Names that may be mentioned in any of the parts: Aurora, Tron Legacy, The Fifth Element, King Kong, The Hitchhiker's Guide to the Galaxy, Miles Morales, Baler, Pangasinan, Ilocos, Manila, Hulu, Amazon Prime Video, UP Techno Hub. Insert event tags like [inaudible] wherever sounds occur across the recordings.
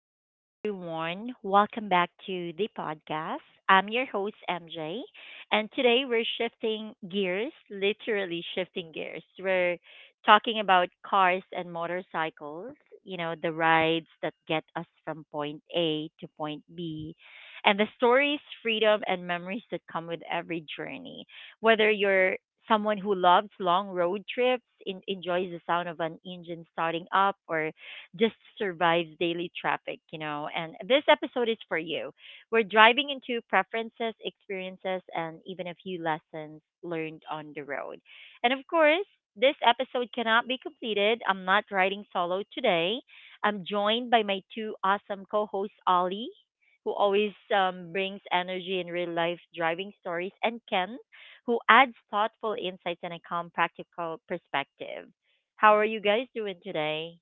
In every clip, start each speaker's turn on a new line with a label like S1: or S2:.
S1: Hello, everyone. Welcome back to the podcast. I'm your host, MJ, and today we're shifting gears, literally shifting gears. We're talking about cars and motorcycles, you know, the rides that get us from point A to point B, and the stories, freedom, and memories that come with every journey. Whether you're someone who loves long road trips, enjoys the sound of an engine starting up, or just survives daily traffic, And this episode is for you. We're driving into preferences, experiences, and even a few lessons learned on the road. And of course, this episode cannot be completed. I'm not riding solo today. I'm joined by my two awesome co hosts, Ollie, who always brings energy and real life driving stories, and Ken, who adds thoughtful insights and a calm, practical perspective. How are you guys doing today?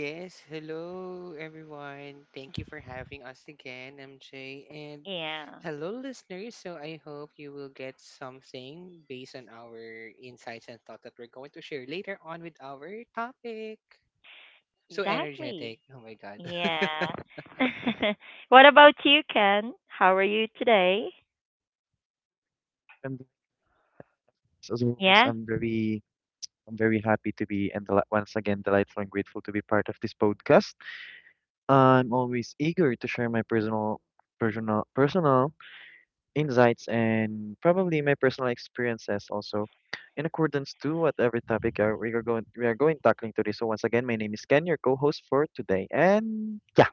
S2: Yes, hello everyone. Thank you for having us again, MJ. And
S1: Yeah,
S2: hello, listeners. So I hope you will get something based on our insights and thought that we're going to share later on with our topic. So
S1: exactly.
S2: energetic. Oh my God.
S1: Yeah.
S2: [laughs]
S1: [laughs] What about you, Ken? How are you today?
S3: I'm doing this as always.
S1: Yeah.
S3: I'm very happy to be and once again delightful and grateful to be part of this podcast. I'm always eager to share my personal personal personal insights and probably my personal experiences also in accordance to whatever topic are we are going tackling today. So once again, my name is Ken, your co-host for today. And yeah,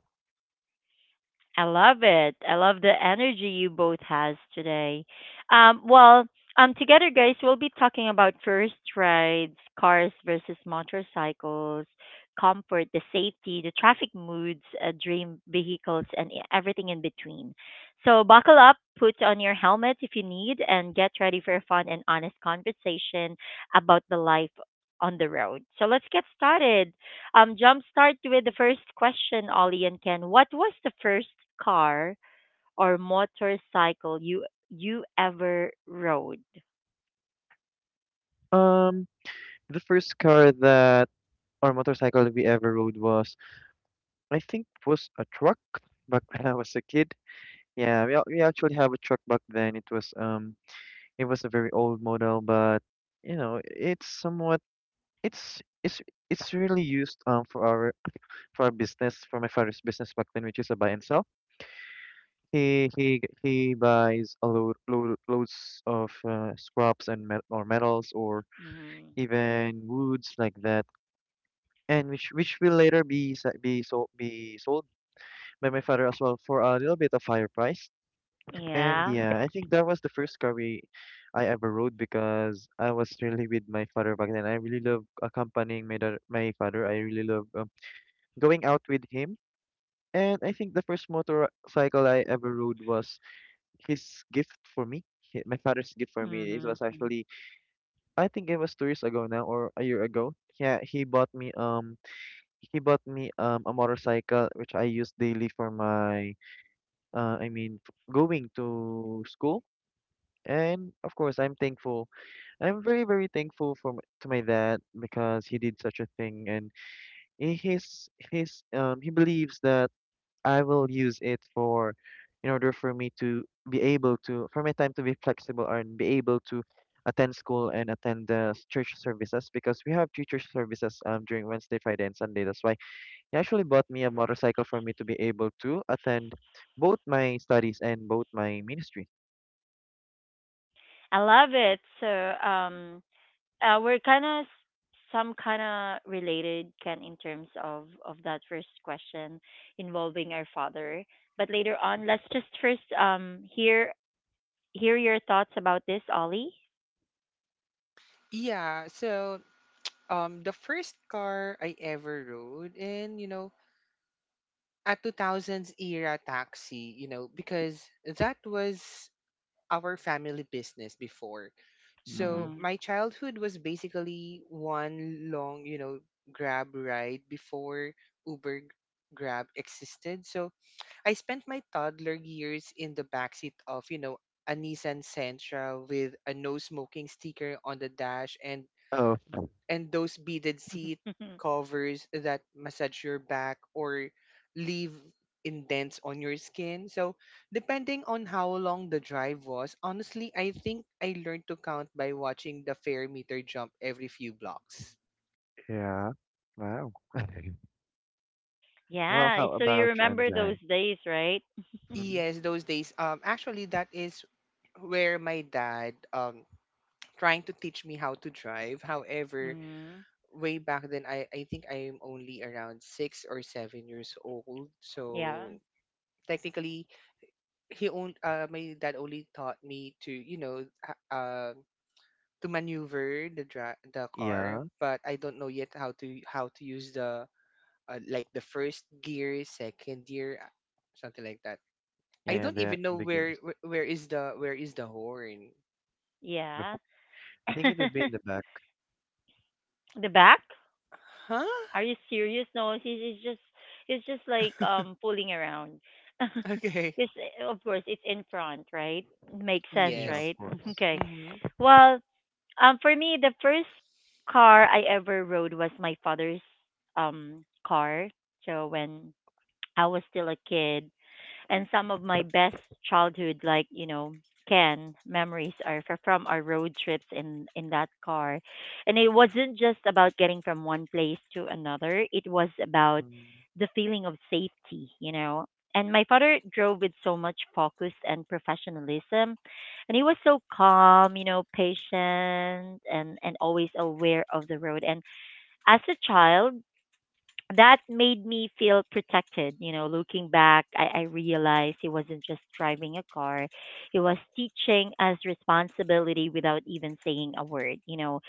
S1: I love it. I love the energy you both has today. Um, well, Together, guys, we'll be talking about first rides, cars versus motorcycles, comfort, the safety, the traffic moods, dream vehicles, and everything in between. So buckle up, put on your helmet if you need, and get ready for a fun and honest conversation about the life on the road. So let's get started. Jumpstart with the first question, Ollie and Ken. What was the first car or motorcycle you ever rode?
S3: um the first car that or motorcycle that we ever rode was, I think, was a truck back when I was a kid. Yeah, we actually have a truck back then. It was a very old model, but you know, it's somewhat it's it's really used for our business, for my father's business back then, which is a buy and sell. He buys a loads of scraps and metals or
S1: Mm,
S3: even woods like that, and which will later be be sold by my father as well for a little bit of higher price. And
S1: yeah.
S3: yeah, I think that was the first car we I ever rode because I was really with my father back then. I really love accompanying my my father. I really love going out with him. And I think the first motorcycle I ever rode was his gift for me. My father's gift for me. It
S1: Hmm.
S3: was actually, I think, it was 2 years ago now or a year ago. Yeah, he bought me a motorcycle which I use daily for my going to school. And of course, I'm thankful. I'm very, very thankful for to my dad because he did such a thing, and his he believes that I will use it for, in order for me to be able to, for my time to be flexible and be able to attend school and attend the church services because we have three church services during Wednesday, Friday, and Sunday. That's why he actually bought me a motorcycle for me to be able to attend both my studies and both my ministry.
S1: I love it. So, um, we're kind of some kind of related, Ken, in terms of that first question involving our father. But later on, let's just first hear your thoughts about this, Ollie.
S2: Yeah, so the first car I ever rode in, a 2000s era taxi, because that was our family business before.
S3: Mm-hmm.
S2: So
S1: Hmm.
S2: my childhood was basically one long, grab ride before Uber g- Grab existed. So I spent my toddler years in the backseat of a Nissan Sentra with a no smoking sticker on the dash and those beaded seat
S1: [laughs]
S2: covers that massage your back or leave indents on your skin. So, depending on how long the drive was, honestly, I think I learned to count by watching the fair meter jump every few blocks.
S3: Yeah. Wow. [laughs] Well,
S1: Yeah.
S3: how
S1: So you
S3: about you,
S1: remember those
S3: MJ?
S1: days, right?
S3: Mm-hmm.
S2: Yes, those days. Actually, that is where my dad [tsk] trying to teach me how to drive. However,
S1: Mm-hmm.
S2: way back then, I think I'm only around 6 or 7 years old.
S1: Yeah.
S2: So technically, he only my dad only taught me to uh, uh, to maneuver the car,
S3: Yeah.
S2: but I don't know yet how to use the like the first gear second gear something like that. I
S3: Yeah,
S2: don't
S3: the
S2: even know where
S3: gears.
S2: wh- where is the where is the horn.
S3: The
S1: Yeah.
S3: ho- I think it
S1: [laughs]
S3: would be in the back.
S1: The back?
S2: Huh.
S1: Are you serious? No, it's just like fooling around. [laughs]
S2: [laughs] Okay.
S1: Because of course it's in front, right? Makes sense,
S3: Yeah, of
S2: Yes.
S1: right? [laughs]
S3: course.
S1: Okay.
S2: Mm-hmm.
S1: Well, for me the first car I ever rode was my father's car. So when I was still a kid, and some of my best childhood, like, you know, can memories are from our road trips in that car, and it wasn't just about getting from one place to another. It was about
S3: Mm.
S1: the feeling of safety, you know, and my father drove with so much focus and professionalism, and he was so calm, you know, patient and always aware of the road. And as a child, that made me feel protected. You know, looking back, I realized he wasn't just driving a car, he was teaching us responsibility without even saying a word. You know,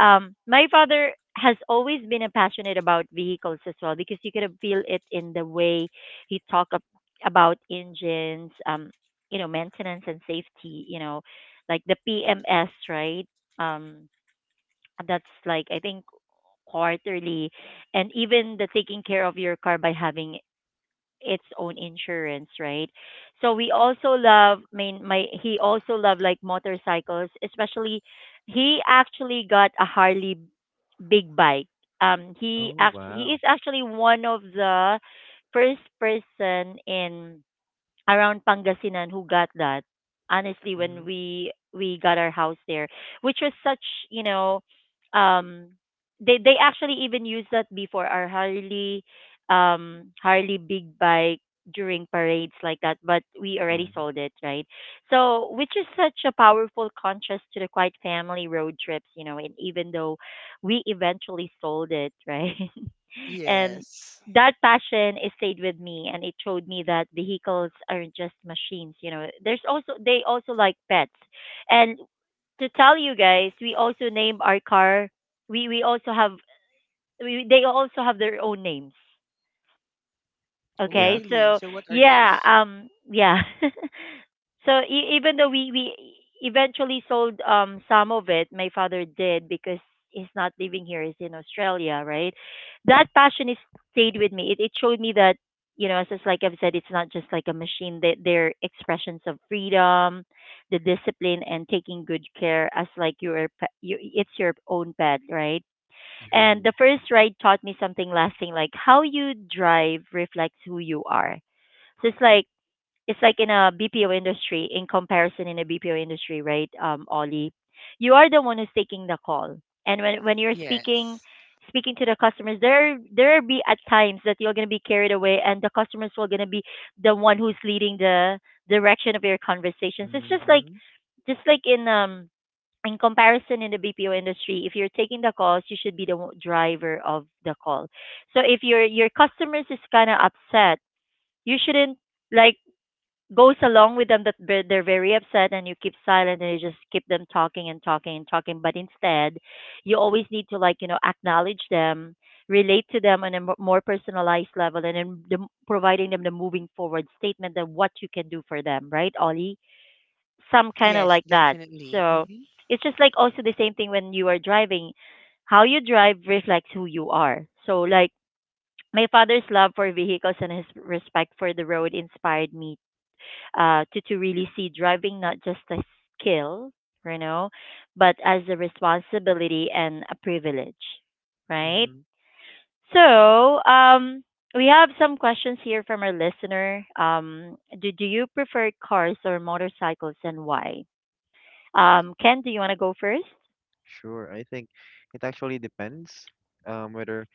S1: my father has always been a passionate about vehicles as well, because you could feel it in the way he about engines, you know, maintenance and safety, you know, like the PMS, right? Um, that's like I think quarterly, and even the taking care of your car by having its own insurance, right? So we also love. I mean, my he also loved like motorcycles, especially. He actually got a Harley big bike.
S3: Oh,
S1: He is
S3: wow.
S1: actually one of the first person in around Pangasinan who got that. Honestly,
S3: Mm-hmm.
S1: when we got our house there, which was such, you know, um, they actually even used that before our Harley, Harley big bike during parades like that. But we
S3: Yeah.
S1: already sold it, right? So, which is such a powerful contrast to the quiet family road trips, you know. And even though we eventually sold it, [laughs] right? And
S2: Yes.
S1: that passion, it stayed with me, and it showed me that vehicles aren't just machines, you know. There's also they also like pets. And to tell you guys, we also name our car. we we also have we they also have their own names.
S2: Oh
S3: Yeah.
S1: Okay,
S2: really?
S1: so
S2: So what are
S1: yeah,
S2: those?
S1: yeah. [laughs] So even though we eventually sold some of it, my father did because he's not living here; he's in Australia, right? That passion is stayed with me. It showed me that, you know, as just like I've said, it's not just like a machine. That they're expressions of freedom, the discipline, and taking good care as like your pet. You, it's your own pet, right? And
S3: True.
S1: the first ride taught me something lasting, like how you drive reflects who you are. So it's like in a BPO industry, in comparison in a BPO industry, right, Ollie? You are the one who's taking the call. And when you're speaking
S2: Yes,
S1: speaking to the customers, there be at times that you're gonna be carried away, and the customers will gonna be the one who's leading the direction of your conversations. It's
S3: Mm-hmm.
S1: just like in comparison in the BPO industry, if you're taking the calls, you should be the one- driver of the call. So if your customers is kind of upset, you shouldn't like goes along with them that they're very upset, and you keep silent and you just keep them talking and talking and talking. But instead, you always need to like, you know, acknowledge them, relate to them on a more personalized level, and then providing them the moving forward statement and what you can do for them, right, Ollie? Some kind of
S2: yes,
S1: like that.
S2: definitely.
S1: So
S2: Mm-hmm.
S1: it's just like also the same thing when you are driving. How you drive reflects who you are. So like my father's love for vehicles and his respect for the road inspired me, to really see driving not just a skill, you know, but as a responsibility and a privilege, right?
S3: Mm-hmm.
S1: So um, we have some questions here from our listener. Do you prefer cars or motorcycles and why? Ken, do you want to go first?
S3: Sure. I think it actually depends whether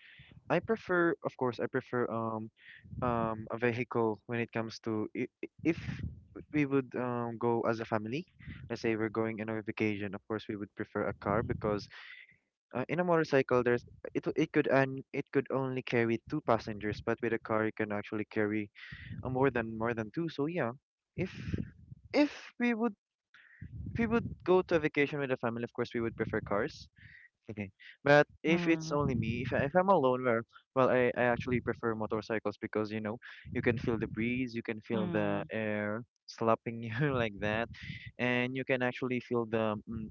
S3: I prefer. Of course, I prefer a vehicle when it comes to if we would go as a family. Let's say we're going on a vacation. Of course, we would prefer a car because in a motorcycle, there's it could, and it could only carry two passengers, but with a car, you can actually carry more than two. So yeah, if if we would if we would go to a vacation with a family, of course, we would prefer cars. Okay. But if it's
S1: Mm,
S3: only me, if I'm alone, well, I actually prefer motorcycles because, you know, you can feel the breeze, you can feel the
S1: mm,
S3: air slapping you [laughs] like that, and you can actually feel the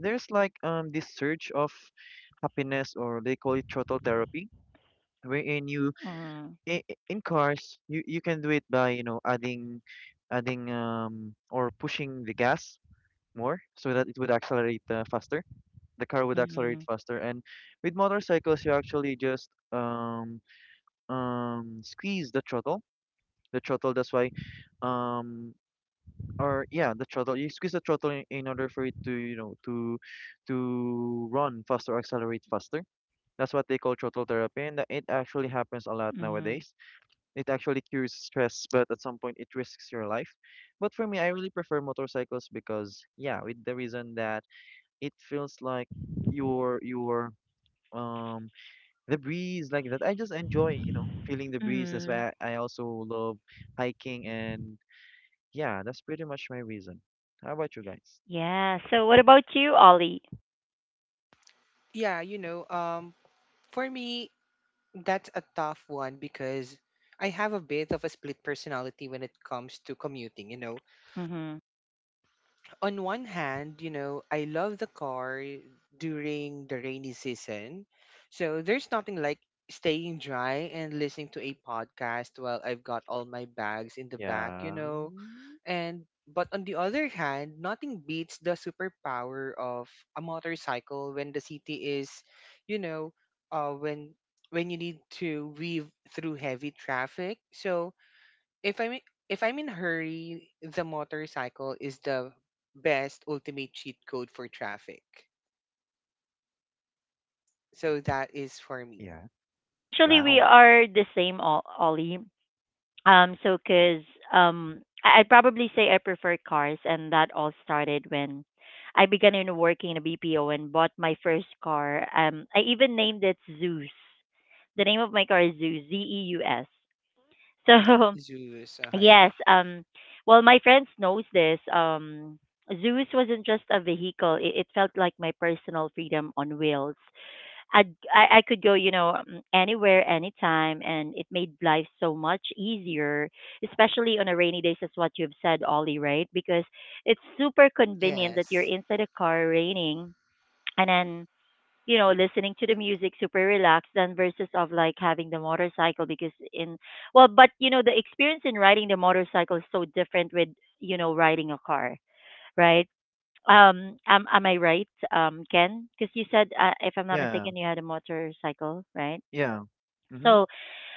S3: there's like this surge of happiness, or they call it throttle therapy, wherein you
S1: mm,
S3: in, in cars you can do it by, you know, adding adding or pushing the gas more so that it would accelerate faster, the car would accelerate
S1: mm,
S3: faster. And with motorcycles, you actually just squeeze the throttle. The throttle. That's why, um, or yeah, the throttle. You squeeze the throttle in order for it to, you know, to run faster, accelerate faster. That's what they call throttle therapy, and it actually happens a lot
S1: mm,
S3: nowadays. It actually cures stress, but at some point it risks your life. But for me, I really prefer motorcycles because yeah, with the reason that it feels like your um the breeze like that. I just enjoy, you know, feeling the breeze. That's
S1: mm.
S3: why I also love hiking and yeah, that's pretty much my reason. How about you guys?
S1: Yeah. So, what about you, Ollie?
S2: Yeah, for me, that's a tough one because I have a bit of a split personality when it comes to commuting.
S1: Hmm.
S2: On one hand, I love the car during the rainy season. So there's nothing like staying dry and listening to a podcast while I've got all my bags in the back, you
S3: Yeah.
S2: know. And but on the other hand, nothing beats the superpower of a motorcycle when the city is, you know, uh, when when you need to weave through heavy traffic. So if I'm in hurry, the motorcycle is the best ultimate cheat code for traffic. So that is for me.
S3: Yeah.
S1: Actually, we
S3: Wow.
S1: are the same, Ollie. So, cause I'd probably say I prefer cars, and that all started when I began in working in a BPO and bought my first car. I even named it Zeus. The name of my car is Zeus, Z E U S. [laughs] So
S2: Zeus, okay.
S1: yes. Well, my friends knows this. Zeus wasn't just a vehicle. It felt like my personal freedom on wheels. I could go, you know, anywhere, anytime, and it made life so much easier, especially on a rainy days, is what you've said, Ollie, right? Because it's super convenient that you're
S2: Yes.
S1: inside a car raining, and then you know, listening to the music super relaxed than versus of like having the motorcycle, because in well, but you know, the experience in riding the motorcycle is so different with, you know, riding a car, right? Am I right, Ken? Because you said, if I'm not
S3: Yeah.
S1: mistaken, you had a motorcycle, right?
S3: Yeah. Mm-hmm.
S1: So,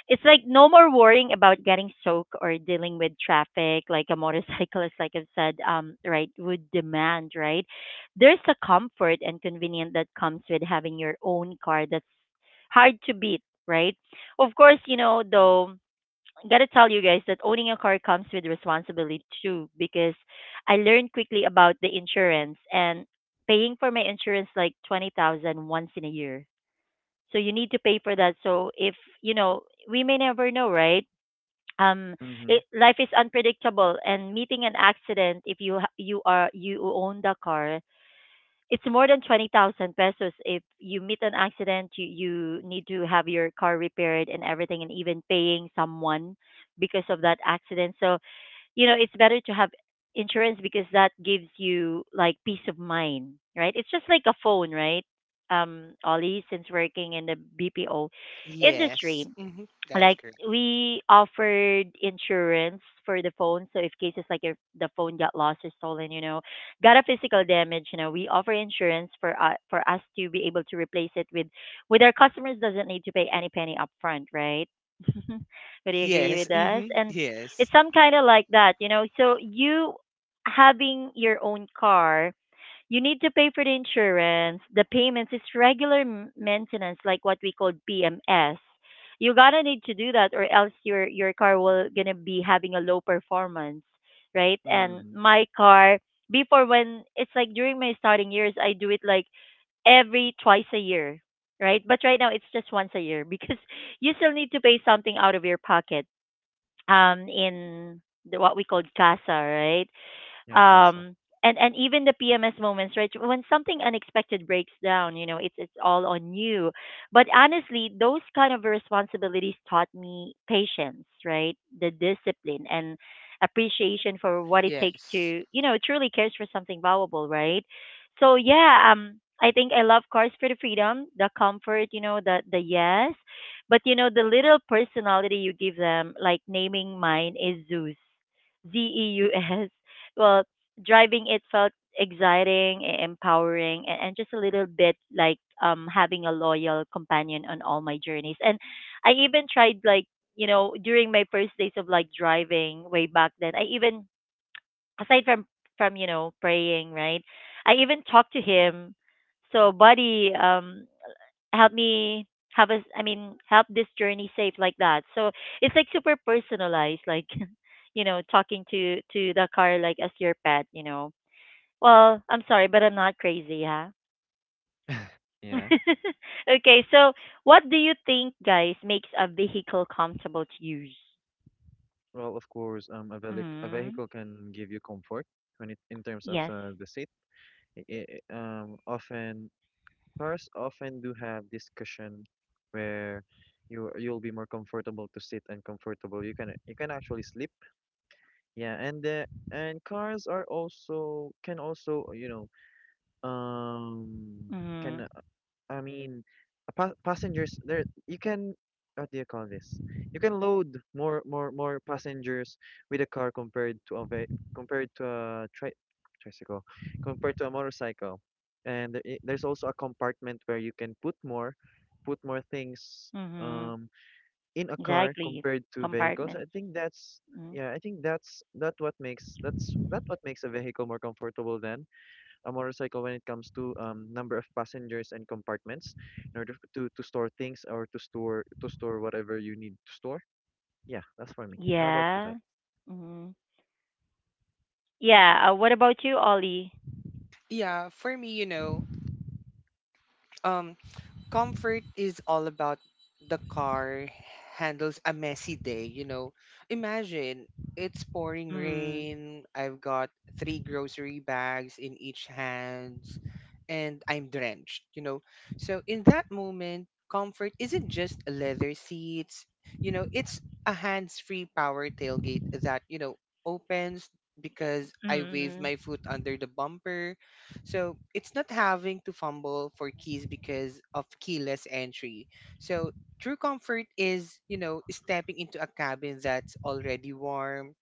S1: it's like no more worrying about getting soaked or dealing with traffic like a motorcyclist like I've said right would demand, right? There's a comfort and convenience that comes with having your own car that's hard to beat, right? Of course, you know, though I gotta tell you guys that owning a car comes with responsibility too, because I learned quickly about the insurance and paying for my insurance like 20,000 once in a year. So you need to pay for that. So if, you know, we may never know, right? Um,
S3: Mm-hmm.
S1: it, life is unpredictable, and meeting an accident if you you are you own the car, it's more than 20,000 pesos. If you meet an accident, you need to have your car repaired and everything, and even paying someone because of that accident. So, you know, it's better to have insurance, because that gives you like peace of mind, right? It's just like a phone, right? Um, Ollie, since working in the BPO industry,
S2: Yes. Hmm. That is
S1: like
S2: correct.
S1: we offered insurance for the phone, so if cases like if the phone got lost or stolen, you know, got a physical damage, you know, we offer insurance for, for us to be able to replace it with our customers doesn't need to pay any penny upfront, right? [laughs] Would you agree
S2: Yes.
S1: with us?
S2: Hmm.
S1: And it's
S2: Yes.
S1: some kind of like that, you know. So you having your own car, you need to pay for the insurance, the payments. It's regular maintenance, like what we call PMS. You gotta need to do that, or else your car will gonna be having a low performance, right? And
S3: Mm-hmm.
S1: my car before when it's like during my starting years, I do it like every twice a year, right? But right now it's just once a year [laughs] because you still need to pay something out of your pocket in what we call casa, right?
S3: Yeah, casa.
S1: um and even the PMS moments, right? When something unexpected breaks down, it's all on you. But honestly, those kind of responsibilities taught me patience, right? The discipline and appreciation for what it takes
S2: Yes.
S1: to, truly cares for something valuable, right? So yeah, I think I love cars for the freedom, the comfort, you know, the yes, but the little personality you give them, like naming mine is Zeus, Z E U S. Well, driving it felt exciting, empowering, and just a little bit like having a loyal companion on all my journeys. And I even tried like during my first days of like driving way back then. I even aside from praying, right, I even talked to him. So buddy, help me have us I mean help this journey safe, like that. So it's like super personalized, like [laughs] talking to the car like as your pet, well, I'm sorry but I'm not crazy, huh?
S3: Yeah.
S1: [laughs] Okay, so what do you think, guys, makes a vehicle comfortable to use?
S3: Well, of course, a
S1: Mm.
S3: vehicle can give you comfort when it in terms of
S1: Yes.
S3: the seat. I I often Cars often do have this cushion where you you'll be more comfortable to sit and comfortable. You can actually sleep. Yeah, and the and cars are also, can also, you know, um
S1: Mm-hmm.
S3: can I mean, pa passengers there you can, what do you call this? You can load more passengers with a car compared to a ve compared to a tri tricycle, compared to a motorcycle. And there's also a compartment where you can put more things
S1: Mm-hmm.
S3: um in a car
S1: Exactly.
S3: compared to vehicles. I
S1: Compartments.
S3: think that's,
S1: Mm.
S3: yeah, I think that's that's that what makes a vehicle more comfortable then a motorcycle when it comes to number of passengers and compartments in order to, store things, or to store whatever you need to store. Yeah, that's for me. How about you
S1: Yeah.
S3: guys?
S1: Mm. Yeah, what about you, Ollie?
S2: Yeah, for me, um, comfort is all about the car handles a messy day. Imagine it's pouring
S1: Mm-hmm.
S2: rain, I've got three grocery bags in each hand, and I'm drenched. So in that moment, comfort isn't just leather seats, it's a hands-free power tailgate that opens because I wave
S1: Mm.
S2: my foot under the bumper, so it's not having to fumble for keys because of keyless entry. So true comfort is stepping into a cabin that's already warm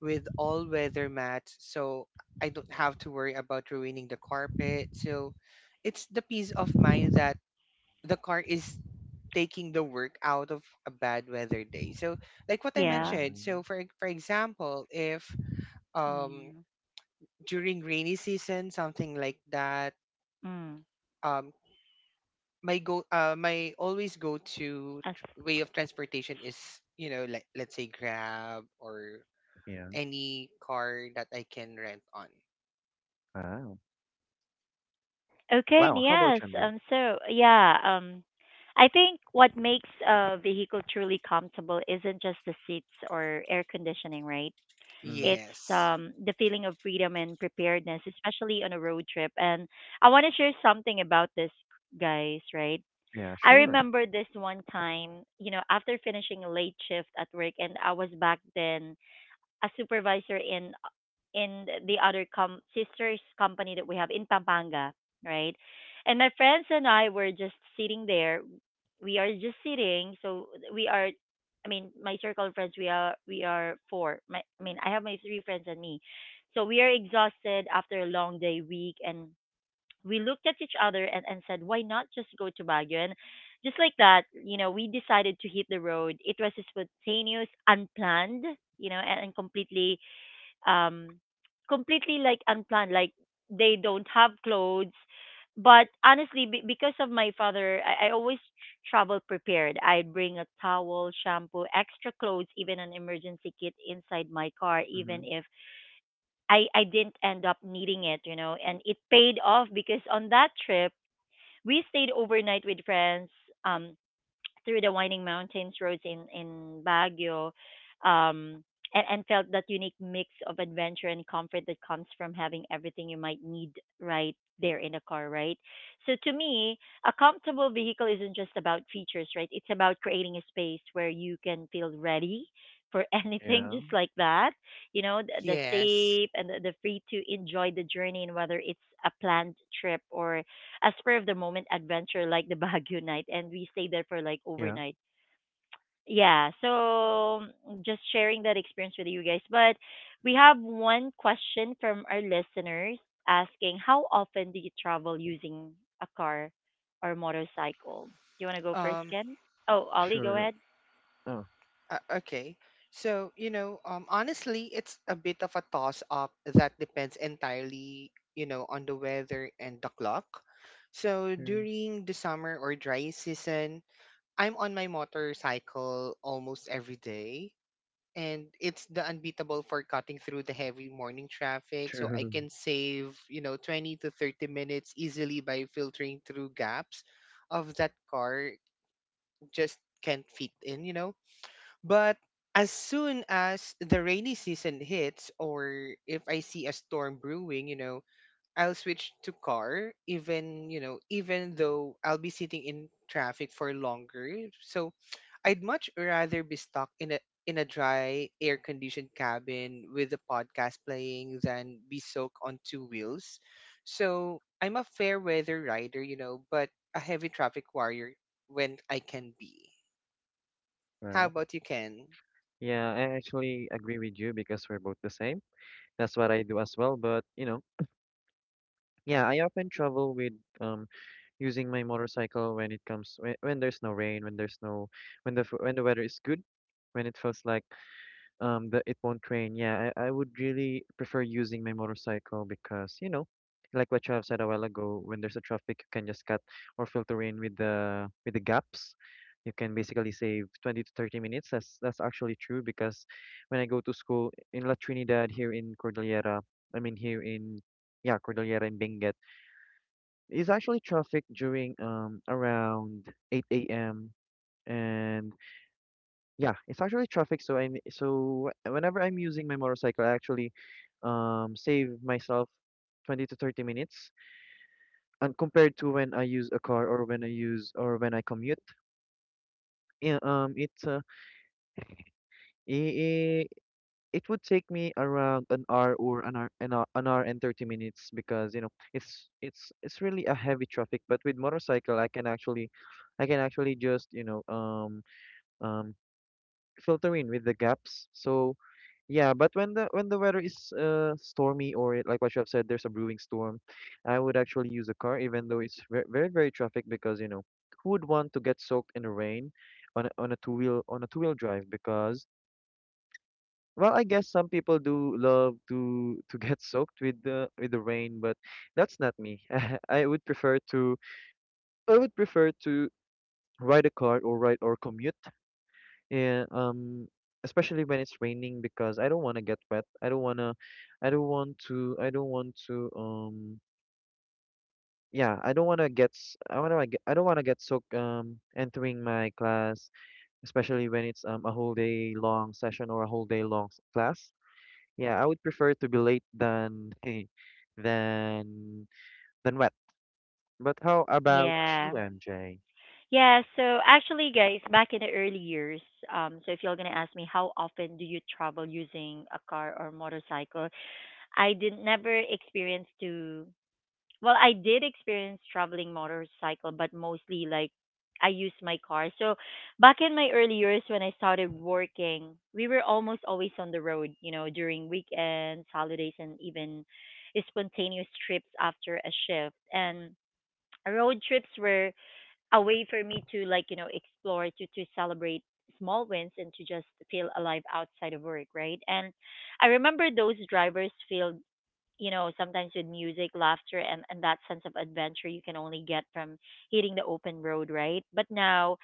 S2: with all weather mats. So I don't have to worry about ruining the carpet. So it's the peace of mind that the car is taking the work out of a bad weather day. So like what I
S1: Yeah.
S3: Yeah.
S2: mentioned, so for example, if um
S1: Mm.
S2: during rainy season something like that
S1: Mm.
S2: um. My always go to
S1: As
S2: way of transportation is like let's say grab or
S3: Yeah.
S2: any car that I can rent on.
S3: Wow.
S1: okay, and
S3: Wow. How about
S1: yes.
S3: you, Andrew?
S1: I think what makes a vehicle truly comfortable isn't just the seats or air conditioning, right?
S3: Mm-hmm.
S1: It's
S2: Yes.
S1: the feeling of freedom and preparedness, especially on a road trip. And I want to share something about this, guys, right?
S3: Yeah,
S1: I
S3: sure.
S1: remember this one time. You know, after finishing a late shift at work, and I was back then a supervisor in the other sister's company that we have in Pampanga, right? And my friends and I were just sitting there. We are just sitting. So we are, I mean, my circle of friends. We are 4. My, I mean, I have my 3 friends and me. So we are exhausted after a long day week, and we looked at each other and, said, why not just go to Baguio? And just like that, you know, we decided to hit the road. It was a spontaneous, unplanned, you know, and completely um unplanned, like they don't have clothes. But honestly be because of my father, I always travel prepared. I bring a towel, shampoo, extra clothes, even an emergency kit inside my car,
S3: Mm-hmm.
S1: even if I didn't end up needing it. You know, and it paid off because on that trip we stayed overnight with friends, um through the winding mountains roads in Baguio, um, and felt that unique mix of adventure and comfort that comes from having everything you might need right there in the car, right? So to me, a comfortable vehicle isn't just about features, right? It's about creating a space where you can feel ready for [laughs] anything, just
S3: Yeah.
S1: like that. You know, the
S2: Yes.
S1: safe and the free to enjoy the journey, and whether it's a planned trip or a spur of the moment adventure like the Baguio night, and we stayed there for like
S3: Yeah.
S1: overnight. Yeah, so just sharing that experience with you guys. But we have one question from our listeners asking, how often do you travel using a car or motorcycle? Do you want to go first,
S2: um
S1: Ken? Oh, Ollie, go
S3: Sure.
S1: ahead.
S3: Oh.
S2: okay, so honestly it's a bit of a toss up that depends entirely on the weather and the clock. So
S3: True.
S2: during the summer or dry season, I'm on my motorcycle almost every day, and it's the unbeatable for cutting through the heavy morning traffic, so I
S3: True. [laughs]
S2: can save 20 to 30 minutes easily by filtering through gaps of that car just can't fit in. But as soon as the rainy season hits, or if I see a storm brewing, I'll switch to car even, even though I'll be sitting in traffic for longer. So I'd much rather be stuck in a dry air conditioned cabin with a podcast playing than be soaked on two wheels. So I'm a fair weather rider, but a heavy traffic warrior when I can be. How
S3: Wow.
S2: about you, Ken?
S3: Yeah, I actually agree with you because we're both the same. That's what I do as well. But you know, yeah, I often travel with um using my motorcycle when it comes when there's no rain, when there's no, when when the weather is good, when it feels like that it won't rain. Yeah, I would really prefer using my motorcycle because, you know, like what you have said a while ago, when there's a traffic, you can just cut or filter in with the gaps. You can basically save 20 to 30 minutes. That's actually true because when I go to school in La Trinidad here in Cordillera, I mean here in, yeah, Cordillera in Benguet, it's actually traffic during around 8 a.m. and yeah, it's actually traffic. So I so wh- whenever I'm using my motorcycle, I actually save myself 20 to 30 minutes, and compared to when I use a car or when I use or when I commute. Yeah, it's I it would take me around an hour or an hour and 30 minutes because, you know, it's it's really a heavy traffic, but with motorcycle I can actually I can actually just, you know, um filter in with the gaps. So yeah, but when the weather is stormy or, like what you have said, there's a brewing storm, I would actually use a car even though it's very, very, very traffic because you know, who would want to get soaked in the rain on on a two wheel, on a two-wheel drive? Because well, I guess some people do love to [laughs] get soaked with the rain, but that's not me. [laughs] I would prefer to I would prefer to ride a car or ride or commute. Yeah, especially when it's raining because I don't want to get wet. I don't wanna, I don't want to, yeah, I don't want to get, I don't want to get soaked, entering my class, especially when it's a whole day long session or a whole day long class. Yeah, I would prefer to be late than [laughs] than than wet. But how about you,
S1: Yeah.
S3: MJ?
S1: Yeah, so actually, guys, back in the early years, so if you're gonna ask me how often do you travel using a car or motorcycle, I did never experience to well, I did experience traveling motorcycle, but mostly like I use my car. So back in my early years when I started working, we were almost always on the road, you know, during weekends, holidays, and even spontaneous trips after a shift. And road trips were a way for me to like, you know, explore, to celebrate small wins and to just feel alive outside of work, right? And I remember those drivers filled, you know, sometimes with music, laughter, and, that sense of adventure you can only get from hitting the open road, right? But now,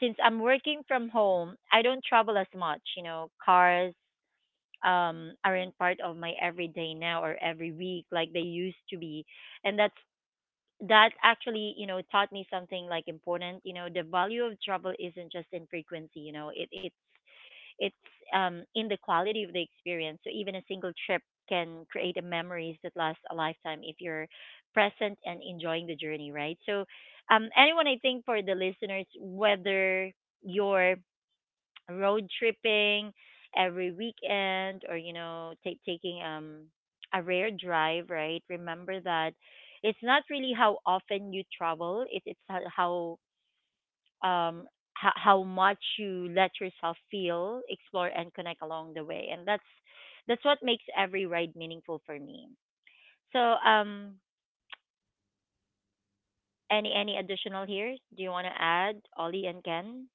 S1: since I'm working from home, I don't travel as much. You know, cars aren't part of my everyday now or every week like they used to be. And that's that actually, you know, taught me something like important. You know, the value of travel isn't just in frequency. You know, it's in the quality of the experience. So even a single trip can create a memories that last a lifetime if you're present and enjoying the journey, right? So anyone, I think for the listeners, whether you're road tripping every weekend or, you know, ta taking a rare drive, right? Remember that it's not really how often you travel; it's um, how much you let yourself feel, explore, and connect along the way. And that's what makes every ride meaningful for me. So, any additional here? Do you want to add, Ollie and Ken?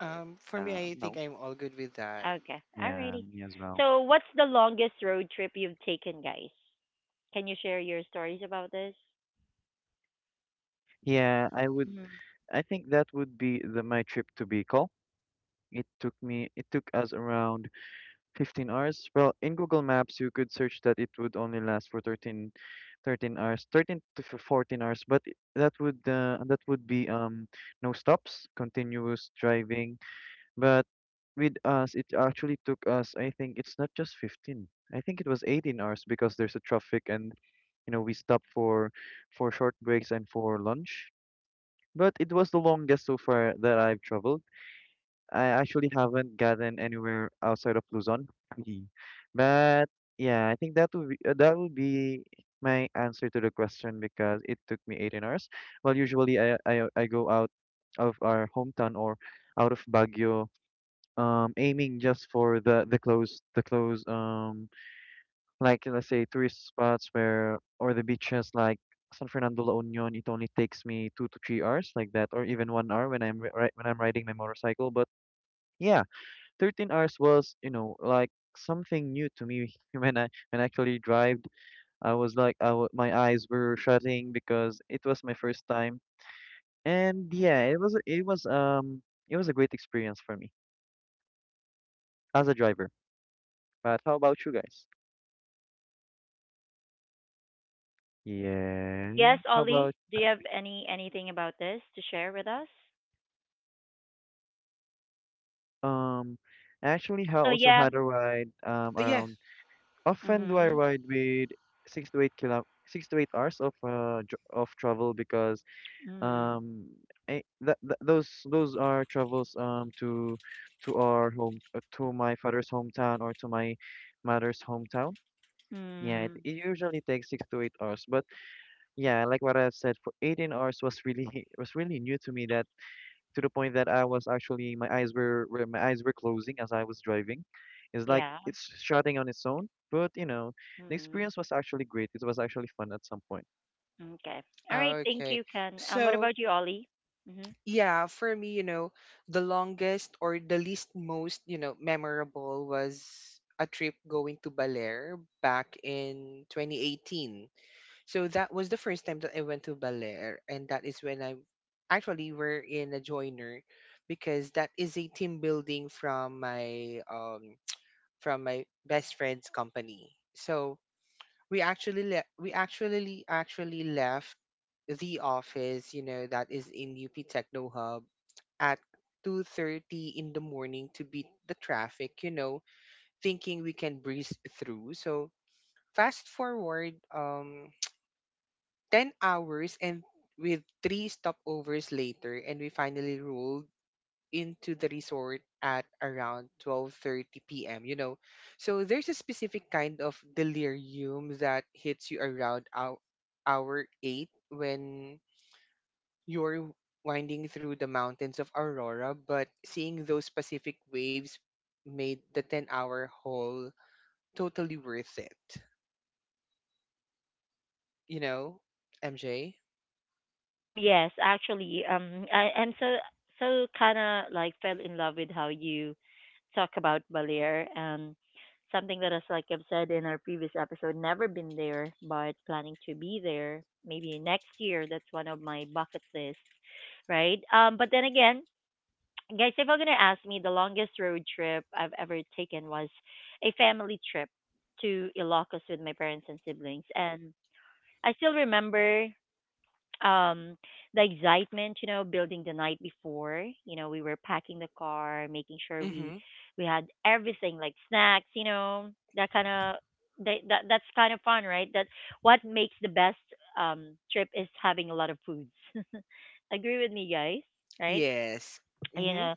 S2: For me, I
S3: No,
S2: think I'm all good with that.
S1: Okay,
S3: yeah,
S1: alrighty.
S3: me as well.
S1: So, what's the longest road trip you've taken, guys? Can you share your stories about this?
S3: Yeah, I would.
S1: Mhm.
S3: I think that would be my trip to Bicol. It took me. It took us around 15 hours. Well, in Google Maps, you could search that it would only last for 13 hours, 13 to 14 hours. But, that would be no stops, continuous driving. But with us, it actually took us, I think it's not just 15. I think it was 18 hours because there's a traffic and, you know, we stop for short breaks and for lunch. But it was the longest so far that I've traveled. I actually haven't gotten anywhere outside of Luzon. Mhm. But yeah, I think that would be my answer to the question because it took me 18 hours. Well, usually I go out of our hometown or out of Baguio aiming just for the close like let's say tourist spots where or the beaches like San Fernando La Union. It only takes me 2 to 3 hours like that, or even 1 hour when I'm when I'm riding my motorcycle. But yeah, 13 hours was, you know, like something new to me [laughs] when I actually drove. I was like I w my eyes were shutting because it was my first time. And yeah, it was it was it was a great experience for me as a driver. But how about you guys? Yeah.
S1: Yes,
S3: How about
S1: Ollie. Do you have any anything about this to share with us?
S3: um actually how
S1: So
S3: also
S1: yeah.
S3: had a ride
S2: Yeah.
S3: around often do I
S1: Mhm.
S3: ride with 6 to 8 hours of of travel because
S1: Mhm.
S3: um that those are travels to our home to my father's hometown or to my mother's hometown. Yeah, it,
S1: Mm.
S3: it usually takes 6 to 8 hours. But yeah, like what I've said, for 18 hours was really [laughs] was really new to me, that to the point that I was actually my eyes were closing as I was driving. It's like
S1: Yeah.
S3: it's shutting on its own. But the
S1: Mm.
S3: experience was actually great. It was actually fun at some point.
S1: Okay. All right. Thank
S2: Okay.
S1: you, Ken. What
S2: So
S1: about you, Ollie? Hmm.
S2: yeah, for me, the longest or the least most memorable was a trip going to Baler back in 2018. So that was the first time that I went to Baler, and that is when I actually were in a joiner because that is a team building from my [tsk] from my best friend's company. So we actually left the office that is in UP Techno Hub at 2:30 in the morning to beat the traffic, thinking we can breeze through. So fast forward [tsk] 10 hours and with three stopovers later, and we finally rolled into the resort at around 12:30 p.m. So there's a specific kind of delirium that hits you around our hour 8 when you're winding through the mountains of Aurora, but seeing those Pacific waves made the 10-hour haul totally worth it. You know, MJ?
S1: Yes, actually, I'm so so kind of like fell in love with how you talk about Balear and something that is like I've said in our previous episode, never been there, but planning to be there maybe next year. That's one of my bucket lists, right? But then again, guys, if you're gonna ask me, the longest road trip I've ever taken was a family trip to Ilocos with my parents and siblings, and I still remember um the excitement, you know, building the night before. You know, we were packing the car, making sure
S2: Mm-hmm.
S1: we had everything like snacks, you know, that kind of that's kind of fun, right? That what makes the best trip is having a lot of foods. [laughs] Agree with me, guys, right?
S2: Yes.
S1: You
S2: Mm-hmm.
S1: know,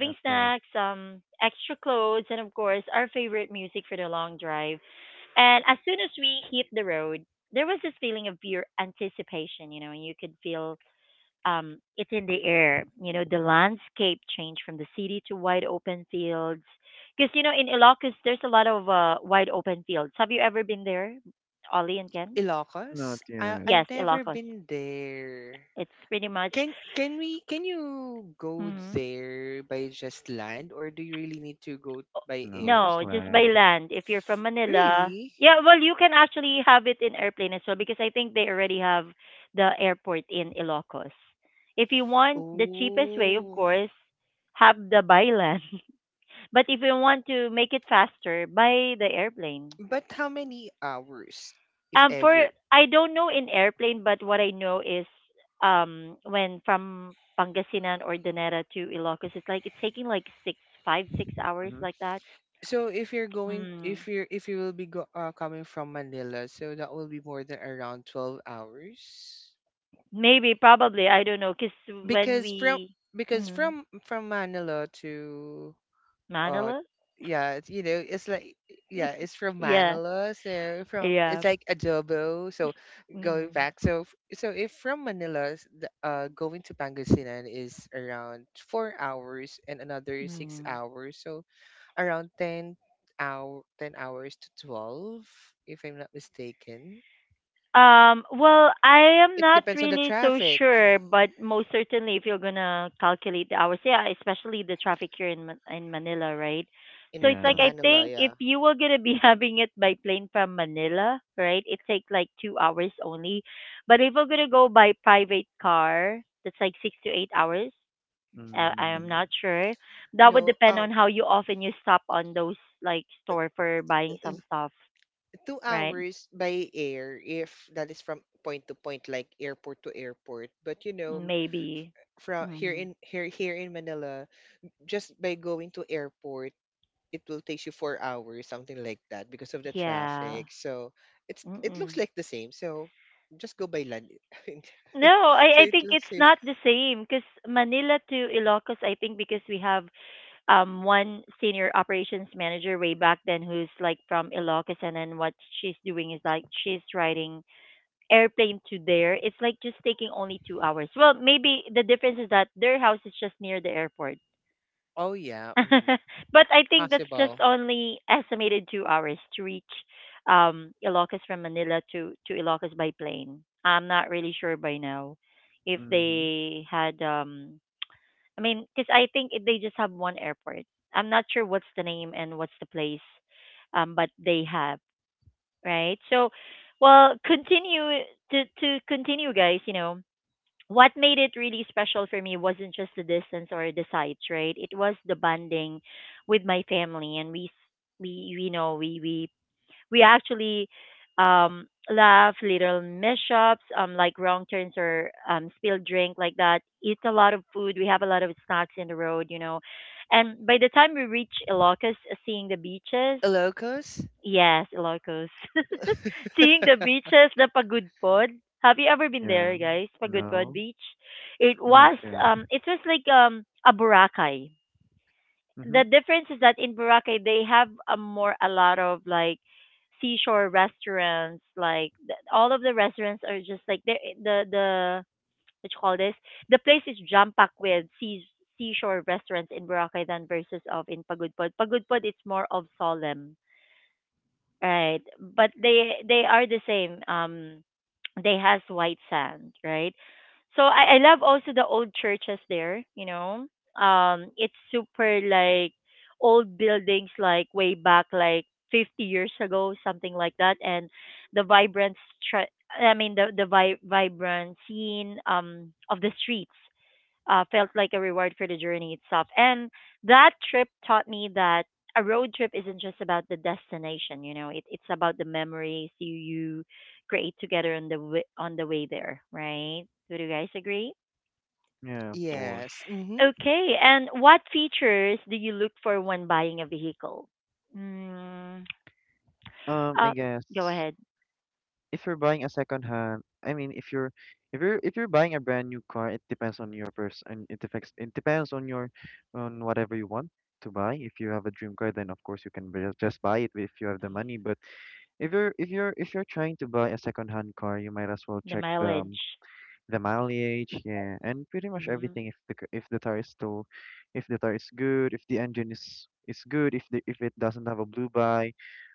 S3: Of course.
S1: snacks, extra clothes, and of course, our favorite music for the long drive. And as soon as we hit the road, there was this feeling of pure anticipation, you know, and you could feel it in the air. You know, the landscape changed from the city to wide open fields. Because, you know, in Ilocos, there's a lot of wide open fields. Have you ever been there, Ollie and Ken?
S3: Not
S2: Ilocos? I
S3: yet.
S1: Yes,
S2: I've never
S1: Ilocos.
S2: been there.
S1: It's pretty much.
S2: Can you go
S1: Mm-hmm.
S2: there by just land, or do you really need to go by
S3: No,
S2: air?
S3: just
S1: No, just by
S3: land.
S1: land. If you're from Manila,
S2: Really?
S1: yeah, well, you can actually have it in airplane as well because I think they already have the airport in Ilocos. If you want the cheapest way, of
S2: Oh,
S1: course, have the by land. [laughs] But if you want to make it faster, buy the airplane.
S2: but how many hours, if
S1: For
S2: ever?
S1: I don't know in airplane, but what I know is when from Pangasinan or Danera to Ilocos, it's like it's taking like six, five, 6 hours
S3: Mhm.
S1: like that.
S2: So if you're going
S1: Mm.
S2: if you're if you will be go, coming from Manila, so that will be more than around 12 hours,
S1: Maybe, probably, I don't know because when
S2: because from
S1: we
S2: because
S1: mm,
S2: from from Manila to uh
S1: Manila,
S2: yeah it's, you know it's like yeah it's from
S1: yeah,
S2: Manila, so from
S1: yeah,
S2: it's like adobo. So going
S1: mm,
S2: back, so if from Manila going to Pangasinan is around 4 hours and another six
S1: mm.
S2: hours so around 10 hours to 12, if I'm not mistaken.
S1: Well, I am
S2: It
S1: not
S2: depends on the
S1: really so
S2: traffic
S1: sure, but most certainly, if you're gonna calculate the hours, yeah, especially the traffic here in in Manila, right? So
S2: in
S1: it's
S2: in
S3: Yeah.
S1: like I
S2: Manila.
S1: think
S2: Yeah.
S1: if you were gonna be [laughs] having it by plane from Manila, right, it takes like 2 hours only, but if we're gonna go by private car, that's like 6 to 8 hours. I am
S3: Mm-hmm.
S2: Hmm.
S1: not sure. That would
S2: No.
S1: depend on how you often you stop on those like
S2: Uh,
S1: store for buying
S2: uh,
S1: some stuff,
S2: two
S1: right?
S2: hours by air if that is from point to point, like airport to airport. But you know
S1: Maybe.
S2: from here
S1: Mm.
S2: in here here in Manila, just by going to airport, it will take you 4 hours, something like that, because of the
S1: Yeah.
S2: traffic. So it looks
S1: Mm-mm.
S2: like the same, so just go by land. [laughs]
S1: No,
S2: So
S1: I
S2: it
S1: think
S2: will
S1: it's
S2: save.
S1: not the same because Manila to Ilocos, I think because we have one senior operations manager way back then who's like from Ilocos, and then what she's doing is like she's writing airplane to there, it's like just taking only 2 hours. Well, maybe the difference is that their house is just near the airport.
S2: Oh yeah. Mm.
S1: [laughs] But I think that's just
S2: Possible.
S1: only estimated 2 hours to reach Ilocos from Manila to, Ilocos by plane. I'm not really sure by now if
S3: Mm-hmm.
S1: they had, I mean, because I think they just have one airport. I'm not sure what's the name and what's the place, but they have, right? So, well, continue to continue, guys. You know, what made it really special for me wasn't just the distance or the sights, right? It was the bonding with my family, and we know we actually laugh little mishaps, like wrong turns or spilled drink like that. Eat a lot of food, we have a lot of snacks in the road, you know. And by the time we reach Ilocos, seeing the beaches.
S2: Locos?
S1: Yes, Ilocos. [laughs] Seeing the beaches, the Pagudpod. Have you ever been
S3: Yeah.
S1: there, guys? Pagudpod
S3: No,
S1: Beach.
S3: not yet.
S1: It was like a Boracay. The
S3: Mhm.
S1: difference is that in Boracay they have a more, a lot of like seashore restaurants. Like all of the restaurants are just like the the what you call this? The place is jam packed with seashore restaurants in Boracay than versus of in Pagudpod. Pagudpod it's more of solemn. Right. But they are the same. They has white sand, right? So I love also the old churches there, you know. Um, it's super like old buildings like way back like 50 years ago, something like that. And the vibrant stra- I mean the vibrant scene of the streets felt like a reward for the journey itself. And that trip taught me that a road trip isn't just about the destination. You know, it's about the memories you create together on the on the way there, right? Would you guys agree?
S3: Yeah, of course.
S2: Yes. Mm-hmm.
S1: Okay, and what features do you look for when buying a vehicle? Mm,
S3: I
S1: uh, go
S3: guess,
S1: ahead.
S3: if you're buying a second hand, I mean, if you're buying a brand new car, it depends on your person. It depends on your on whatever you want to buy. If you have a dream car, then of course you can just buy it if you have the money. But if you're trying to buy a second hand car, you might as well
S1: The
S3: check
S1: mileage.
S3: the mileage, yeah, and pretty much
S1: Mm-hmm.
S3: everything. If if the tire is too, if the tire is good, if the engine is good, if the if it doesn't have a blue by,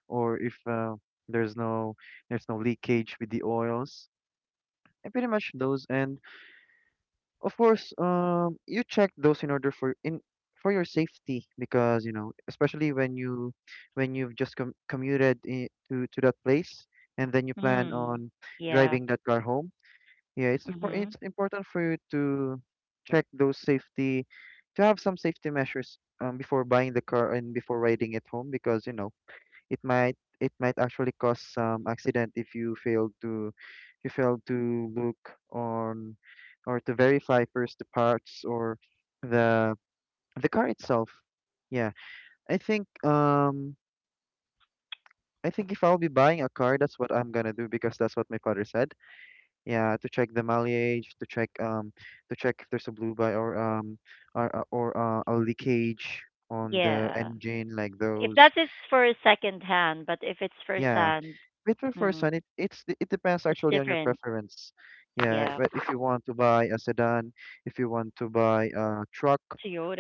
S3: or if there's no there's no leakage with the oils, and pretty much those. And of course, you check those in order for in for your safety, because you know, especially when you when you've just commuted I to that place, and then you plan
S1: Mm,
S3: on
S1: yeah.
S3: driving that car home, yeah, it's for
S1: Mm-hmm.
S3: it's important for you to check those safety, to have some safety measures before buying the car and before riding it home, because you know it might actually cause some accident if you fail to look on or to verify first the parts or the the car itself. Yeah, I think um I think if I'll be buying a car, that's what I'm gonna do because that's what my father said. Yeah, to check the mileage, to check if there's a blue by or or a leakage on the
S1: Yeah.
S3: engine like
S1: If
S3: those.
S1: that is for second hand, but if it's first
S3: Yeah.
S1: hand,
S3: But for first
S1: mm,
S3: one, it's it depends
S1: it's
S3: actually on your
S1: different.
S3: preference. Yeah,
S1: Yeah,
S3: but if you want to buy a sedan, if you want to buy a truck,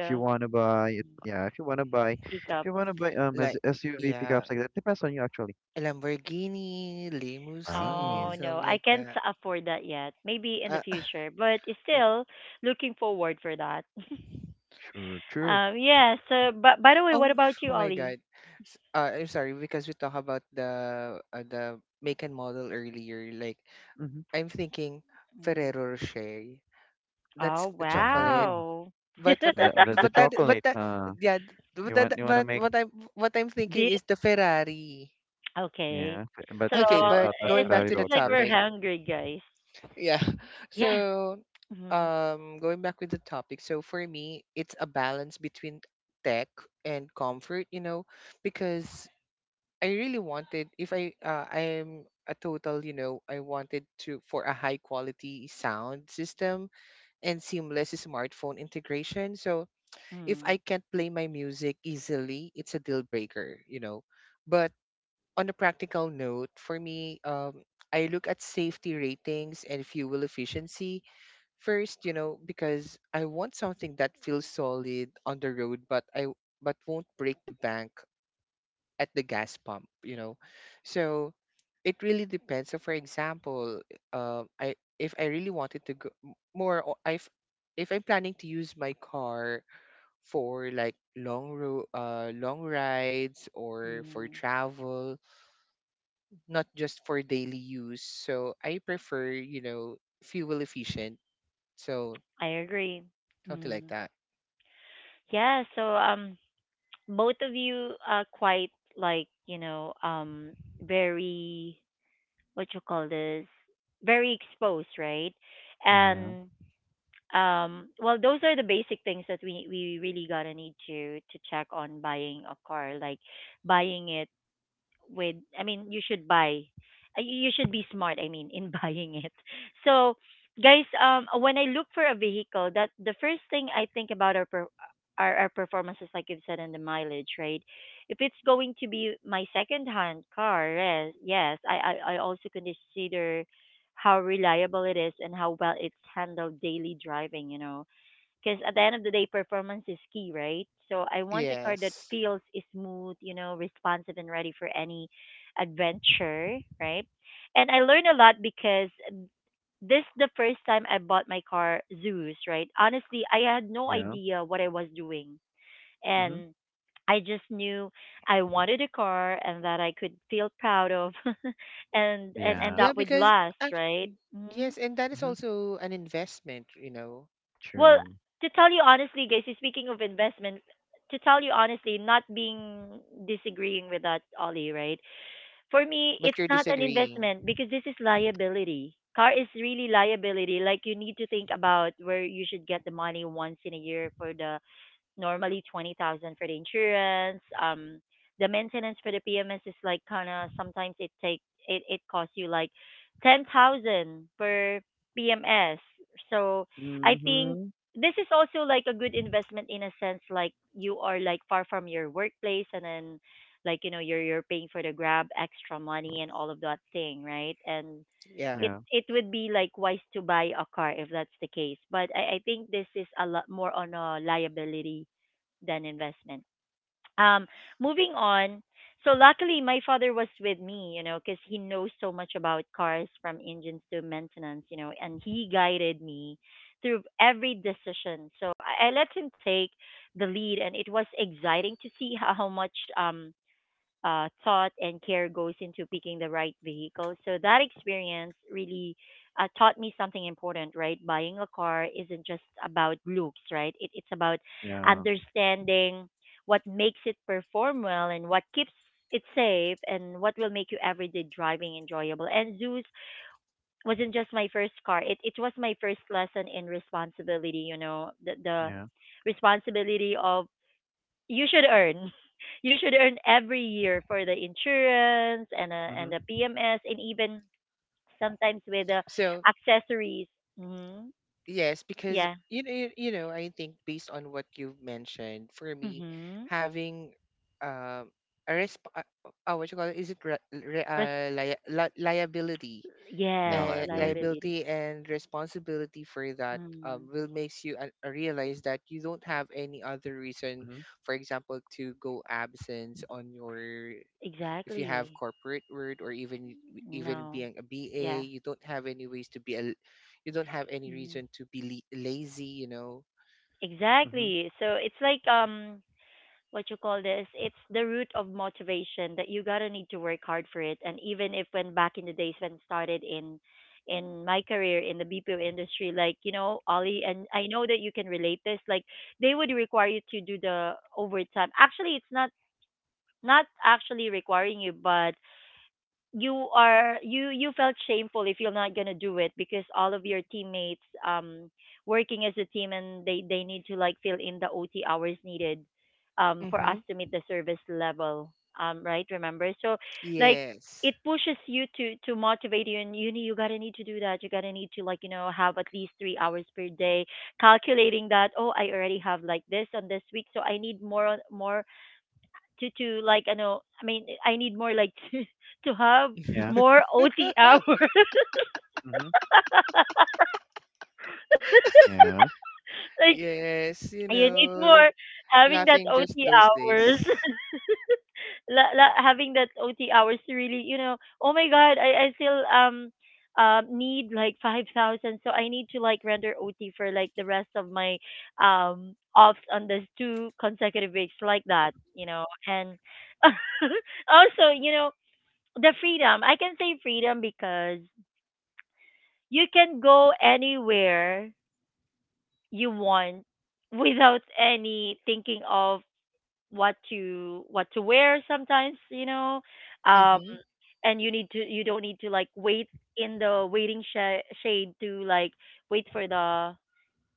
S3: if you want to buy it,
S1: mm,
S3: yeah, if you want to buy if
S1: pickup.
S3: you want to buy as
S2: Like
S3: SUV
S2: yeah,
S3: pickups like that, depends on you actually.
S2: a Lamborghini, limousine,
S1: Oh
S3: Wow,
S1: no,
S2: something
S1: I
S2: like
S1: can't
S2: that.
S1: afford that yet. Maybe in the
S2: Uh,
S1: future, but it's
S2: [laughs] er,
S1: still looking forward for that. [laughs]
S3: sure, true.
S1: Yeah. So, but by the way,
S2: oh,
S1: what about
S2: [laughs]
S1: you,
S2: oh my
S1: Ollie?
S2: God. I'm sorry because we talk about the make and model earlier. Like
S3: Mm-hmm.
S2: I'm thinking
S1: Mm.
S2: Ferrero Rocher. That's
S1: Oh
S2: a chocolate.
S3: Wow,
S1: wow.
S2: But what I
S3: the the
S1: [laughs]
S2: but
S3: chocolate,
S2: that
S3: uh.
S2: yeah but
S3: You want
S2: that
S3: you wanna
S2: but
S3: make
S2: what I am what I'm thinking
S1: Deal.
S2: is the Ferrari.
S1: Okay.
S3: yeah, f but
S1: So
S2: Okay,
S3: you
S2: but
S3: thought of
S2: going
S1: it,
S2: back
S1: it
S3: Ferrari
S2: to the
S1: seems like
S3: Rochers.
S1: we're
S2: topic,
S1: hungry, guys.
S2: yeah. [laughs]
S1: Yeah.
S2: So,
S1: Mm-hmm.
S2: going back with the topic, so for me, it's a balance between tech and comfort, because I really wanted, if I, I am a total. I wanted to for a high quality sound system and seamless smartphone integration. So if
S1: Mm-hmm.
S2: I can't play my music easily, it's a deal breaker. But on a practical note, for me, I look at safety ratings and fuel efficiency first, because I want something that feels solid on the road, but won't break the bank at the gas pump. So it really depends. So, for example, I if I really wanted to go more, if I'm planning to use my car for like long rides or for
S1: Mm-hmm.
S2: travel, not just for daily use. So I prefer fuel efficient. So
S1: I agree.
S2: something like
S1: Mm.
S2: that.
S1: Yeah, so um, both of you are quite like, you know, um, very what you call this, very exposed, right?
S3: Yeah,
S1: And um, well, those are the basic things that we really got to need to check on buying a car, like buying it with, I mean you should buy, you you should be smart, I mean in [laughs] buying it. So guys, um, when I look for a vehicle, that the first thing I think about are our performances like you've said, and the mileage, right? If it's going to be my second hand car, yes yes. I I also consider how reliable it is and how well it's handled daily driving, you know. Because at the end of the day, performance is key, right? So I want a car that
S2: Yes.
S1: feels smooth, you know, responsive and ready for any adventure, right? And I learned a lot because this the first time I bought my car Zeus, right? Honestly, I had no
S3: yeah.
S1: idea what I was doing.
S3: Mhm.
S1: And I just knew I wanted a car and that I could feel proud of [laughs] and and
S3: Yeah.
S2: Yeah,
S1: that would
S2: because
S1: last,
S2: act-
S1: right? Mhm.
S2: yes, and that is
S3: Mhm.
S2: also an investment, you know.
S1: Well,
S3: True.
S1: to tell you honestly, guys, so speaking of investment, to tell you honestly, not being disagreeing with that, Ollie, right? For me, it's
S2: But you're
S1: not an
S2: disagreeing.
S1: investment because this is liability. Car is really liability. Like you need to think about where you should get the money once in a year for the normally 20,000 for the insurance. The maintenance for the PMS is like kind of sometimes it take, it costs you like 10,000 per PMS. So I think
S3: Mhm.
S1: this is also like a good investment in a sense, like you are like far from your workplace and then like you know, you're paying for the grab extra money and all of that thing, right? And
S2: Yeah.
S1: it
S3: Yeah,
S1: it would be like wise to buy a car if that's the case. But I think this is a lot more on a liability than investment. Um, moving on. So luckily, my father was with me, you know, because he knows so much about cars from engines to maintenance, you know, and he guided me through every decision. So I let him take the lead, and it was exciting to see [laughs] how much thought and care goes into picking the right vehicle. So that experience really, taught me something important, right? Buying a car isn't just about looks, right? It's about
S3: yeah,
S1: understanding what makes it perform well and what keeps it safe and what will make your everyday driving enjoyable. And Zeus wasn't just my first car; it was my first lesson in responsibility. You know, the
S3: yeah.
S1: responsibility of you should earn. [laughs] You should earn every year for the insurance and
S3: Mhm.
S1: the PMS and even sometimes with the
S2: So
S1: accessories. Hmm.
S2: yes, because
S1: Yeah.
S2: I think based on what you've mentioned, for me,
S1: Mm-hmm.
S2: having um a resp- uh, what you call it? Is it liability
S3: Yeah,
S1: Yeah,
S2: and
S3: liability.
S1: liability.
S2: liability and responsibility for that
S1: Mm.
S2: will makes you realize that you don't have any other reason,
S3: Mhm,
S2: for example, to go absence on your, if you have
S1: Exactly.
S2: corporate word, or even
S1: No.
S2: being a ba
S1: Yeah.
S2: you don't have any ways to be you don't have any
S1: Mm.
S2: reason to be lazy, you know.
S3: mhm.
S1: Exactly. So it's like um, what you call this, it's the root of motivation that you gotta need to work hard for it. And even if when back in the days when started in my career in the bpo industry, like you know Ollie, and I know that you can relate this like they would require you to do the overtime. Actually it's not, not actually requiring you, but you are, you felt shameful if you're not gonna do it because all of your teammates, um, working as a team, and they need to like fill in the OT hours needed, um, for us
S2: Mm-hmm.
S1: to meet the service level, um, right, remember? So like
S2: Yes.
S1: it pushes you to motivate you and you you gotta need to do that. You gotta need to like, you know, have at least 3 hours per day, calculating that, oh I already have like this on this week, so I need more more to like, I know I mean I need more like [laughs] to have
S3: Yeah,
S1: more OT hours.
S3: mhm.
S1: [laughs]
S3: Yeah,
S1: Like
S2: Yes.
S1: you need more having that
S2: Laughing just
S1: OT
S2: those
S1: hours.
S2: days.
S1: [laughs] La, la, having that OT hours to really, you know, oh my god, I still um need like 5000 so I need to like render OT for like the rest of my, um, offs on this two consecutive weeks like that, you know. And [laughs] also, you know, the freedom. I can say freedom because you can go anywhere you want without any thinking of what to, what to wear sometimes, you know. Um,
S2: Mm-hmm.
S1: and you need to, you don't need to like wait in the waiting shade to like wait for the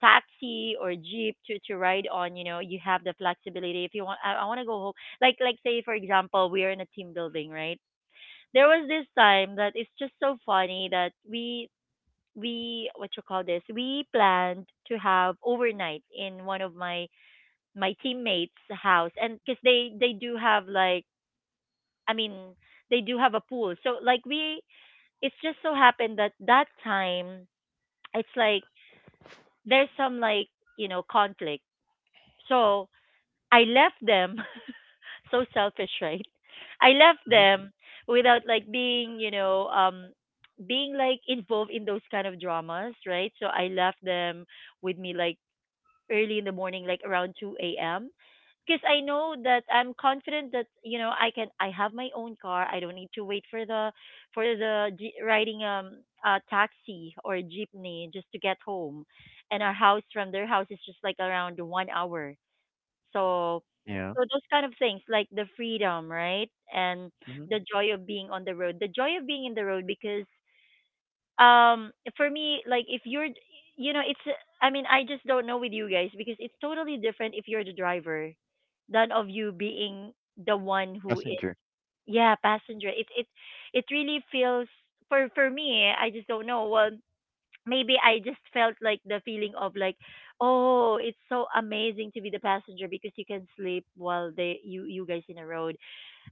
S1: taxi or jeep to ride on, you know. You have the flexibility if you want. I want to go home. Like say for example, we are in a team building, right? There was this time that it's just so funny that we what you call this, we planned to have overnight in one of my my teammates house, and because they do have like, I mean they do have a pool, so like we, it's just so happened that that time it's like, there's some like, you know, conflict, so I left them. [laughs] So selfish, right? I left
S3: mhm.
S1: them without like being, you know, um, being like involved in those kind of dramas, right? So I left them with me like early in the morning, like around 2 a.m. Because I know that I'm confident that you know I can. I have my own car. I don't need to wait for the G, riding a taxi or a jeepney just to get home, and our house from their house is just like around one hour. So,
S3: Yeah,
S1: so those kind of things like the freedom, right, and
S3: mhm.
S1: the joy of being on the road, the joy of being in the road, because um, for me like if you're, you know it's, I mean I just don't know with you guys because it's totally different if you're the driver than of you being the one who is,
S3: Passenger.
S1: yeah, passenger. It It really feels, for me I just don't know, well maybe I just felt like the feeling of like, oh it's so amazing to be the passenger because you can sleep while they, you guys in a road.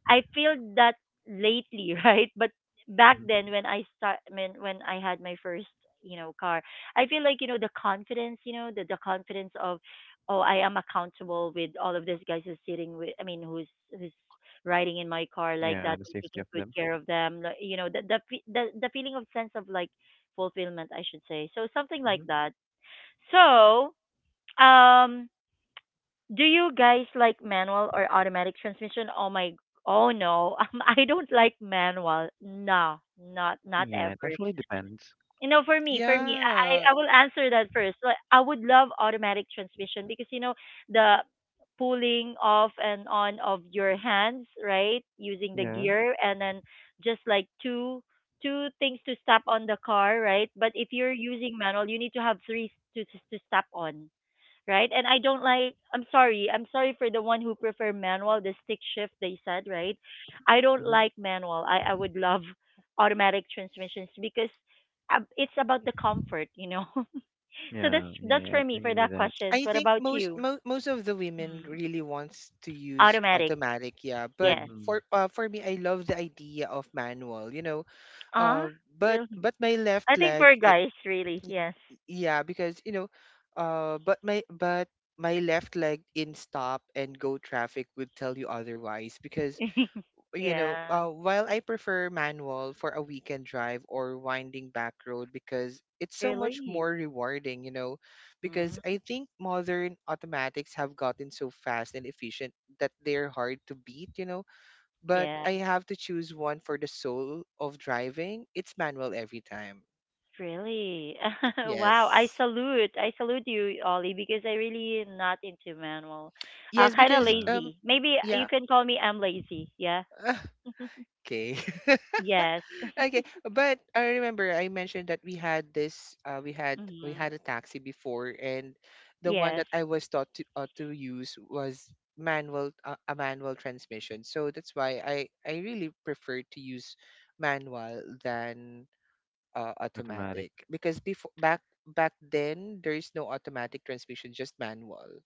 S1: I feel that lately, [laughs] right? But back
S3: Mhm.
S1: then when I start, when I had my first, you know, car, I feel like, you know, the confidence, you know, the confidence of, oh, I am accountable with all of these guys who's sitting with, I mean, who's riding in my car like
S3: Yeah,
S1: that
S3: the
S1: and
S3: safety
S1: taking
S3: of
S1: good
S3: them.
S1: care of them. Like, you know, the the feeling of sense of like fulfillment, I should say. So something like
S3: Mhm.
S1: that. So, um, do you guys like manual or automatic transmission? Oh my, oh no, [laughs] I don't like manual. No, not not
S3: Yeah, it
S1: ever.
S3: actually depends.
S1: You know, for me, I
S2: Yeah,
S1: I I will answer that first. Like, I would love automatic transmission because you know the pulling off and on of your hands, right? Using the
S3: Yeah.
S1: gear and then just like two things to stop on the car, right? But if you're using manual, you need to have three to stop on, right? And I don't like. I'm sorry. I'm sorry for the one who prefer manual, the stick shift they said, right? I don't
S3: Mhm.
S1: like manual. I would love [laughs] automatic transmissions because it's about the comfort, [laughs] So that's
S3: Yeah,
S1: that's
S3: yeah,
S1: for
S3: I
S1: me for
S3: agree with
S1: that
S3: that.
S1: questions.
S2: I
S1: What
S2: think
S1: about you?
S2: most of the women
S1: Mm.
S2: really wants to use
S1: Automatic,
S2: automatic, yeah. But
S1: yes.
S3: Mhm.
S2: for me, I love the idea of manual.
S1: Ah, really?
S2: But my left
S1: I think
S2: leg,
S1: for
S2: it,
S1: guys, really, yes.
S2: yeah, because but my left leg in stop and go traffic would tell you otherwise because
S1: [laughs] Yeah,
S2: while I prefer manual for a weekend drive or winding back road because it's so much
S1: really.
S2: more rewarding, because
S1: Mm.
S2: I think modern automatics have gotten so fast and efficient that they're hard to beat. But
S1: Yeah.
S2: I have to choose one for the soul of driving. It's manual every time.
S1: Really? [laughs] Wow. I
S2: Yes.
S1: salute. I salute you, Ollie, because I really am not into manual.
S2: Yes,
S1: Kind of
S2: because
S3: Yeah.
S1: lazy. Maybe you
S2: yeah.
S1: can call me I'm lazy. Yeah.
S2: [laughs]
S1: [laughs]
S2: Okay. [laughs]
S1: Yes.
S2: Okay, but I remember I mentioned that we had this we
S1: Hmm.
S2: had a taxi before, and the one
S1: Yes.
S2: that I was taught to use was manual a manual transmission. So that's why I really prefer to use manual than
S3: Automatic,
S2: automatic, because before back then there is no automatic transmission, just manual.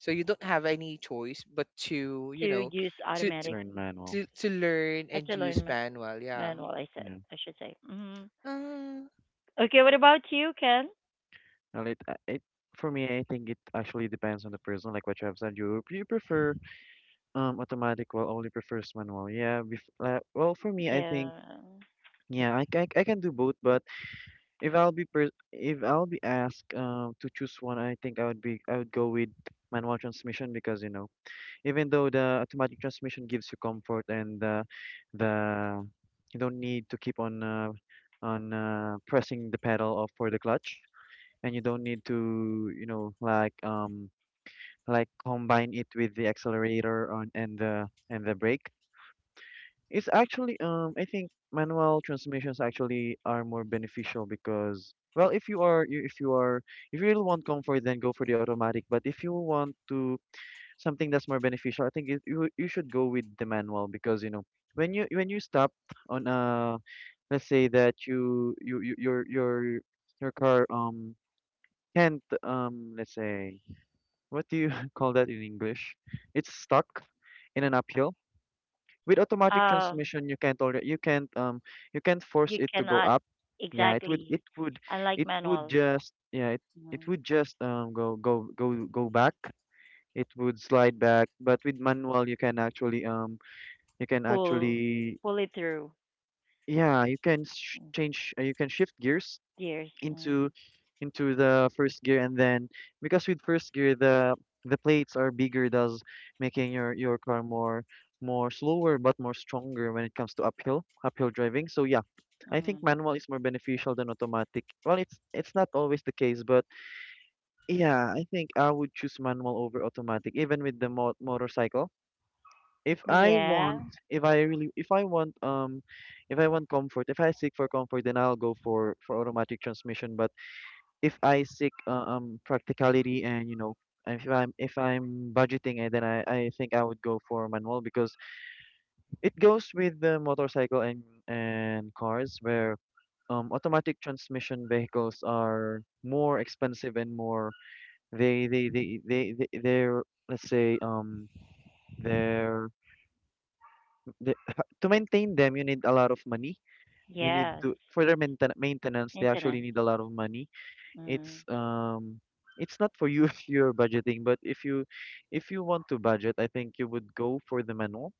S2: So you don't have any choice but to,
S1: To
S2: you know,
S1: use
S2: to
S1: automatic.
S3: learn manual.
S2: to learn
S1: I
S2: and
S1: should
S2: use
S1: learn
S2: manual. Yeah.
S1: manual, I said.
S3: Yeah.
S1: I should say. Hmm.
S2: Uh,
S1: Okay. What about you, Ken?
S3: Well, it, it for me, I think it actually depends on the person. Like what you have said, you prefer automatic, while only prefers manual. Yeah, bef well for me, I think
S1: Yeah.
S3: yeah, I can do both. But if I'll be per if I'll be asked to choose one, I think I would go with manual transmission, because you know even though the automatic transmission gives you comfort and the you don't need to keep on pressing the pedal off for the clutch, and you don't need to you know like combine it with the accelerator on and the brake. It's actually I think manual transmissions actually are more beneficial, because well if if you are if you really want comfort then go for the automatic, but if you want to something that's more beneficial, I think you you should go with the manual, because you know when you stop on a, let's say that your car can't let's say what do you [laughs] call that in English? It's stuck in an uphill. With automatic
S1: Um,
S3: transmission, you can't force
S1: you
S3: it to go
S1: cannot.
S3: up. Yeah, it would
S1: Exactly.
S3: it would
S1: Unlike
S3: it would
S1: manual.
S3: just yeah it
S1: Mhm.
S3: would just go go go go back. It would slide back. But with manual, you can
S1: Pull.
S3: actually
S1: Pull it through.
S3: yeah you can sh
S1: Mm.
S3: change you can shift gears
S1: Gears.
S3: into
S1: Mm.
S3: into the first gear, and then because with first gear the plates are bigger, thus making your car more more slower but more stronger when it comes to uphill uphill driving. So yeah, I think
S1: Mm.
S3: manual is more beneficial than automatic. Well, it's not always the case, but yeah, I think I would choose manual over automatic, even with the motorcycle. If I
S1: Yeah.
S3: want if I really if I want if I want comfort, if I seek for comfort, then I'll go for automatic transmission. But if I seek practicality, and you know if I'm budgeting it, then I think I would go for manual, because it goes with the motorcycle and cars, where automatic transmission vehicles are more expensive and more they're, let's say they're they, [laughs] to maintain them you need a lot of money. You need
S1: Yes.
S3: to for their maintenance, they actually need
S1: Maintenance.
S3: a lot of money.
S1: Mm.
S3: It's um it's not for you [laughs] if you're budgeting, but if you want to budget, I think you would go for the manual.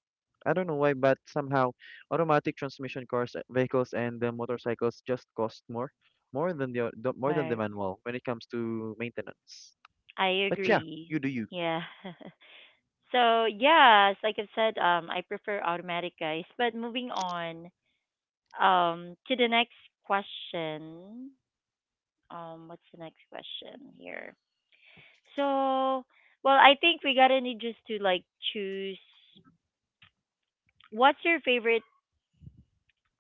S3: I don't know why, but somehow automatic transmission cars, vehicles, and motorcycles just cost more more than the more than the
S1: Right.
S3: manual when it comes to maintenance.
S1: I
S3: But yeah,
S1: agree.
S3: you do you.
S1: Yeah. [laughs] So yes, like I've said, I prefer automatic, guys. But moving on, to the next question. What's the next question here? So, well, I think we gotta need just to like choose. What's your favorite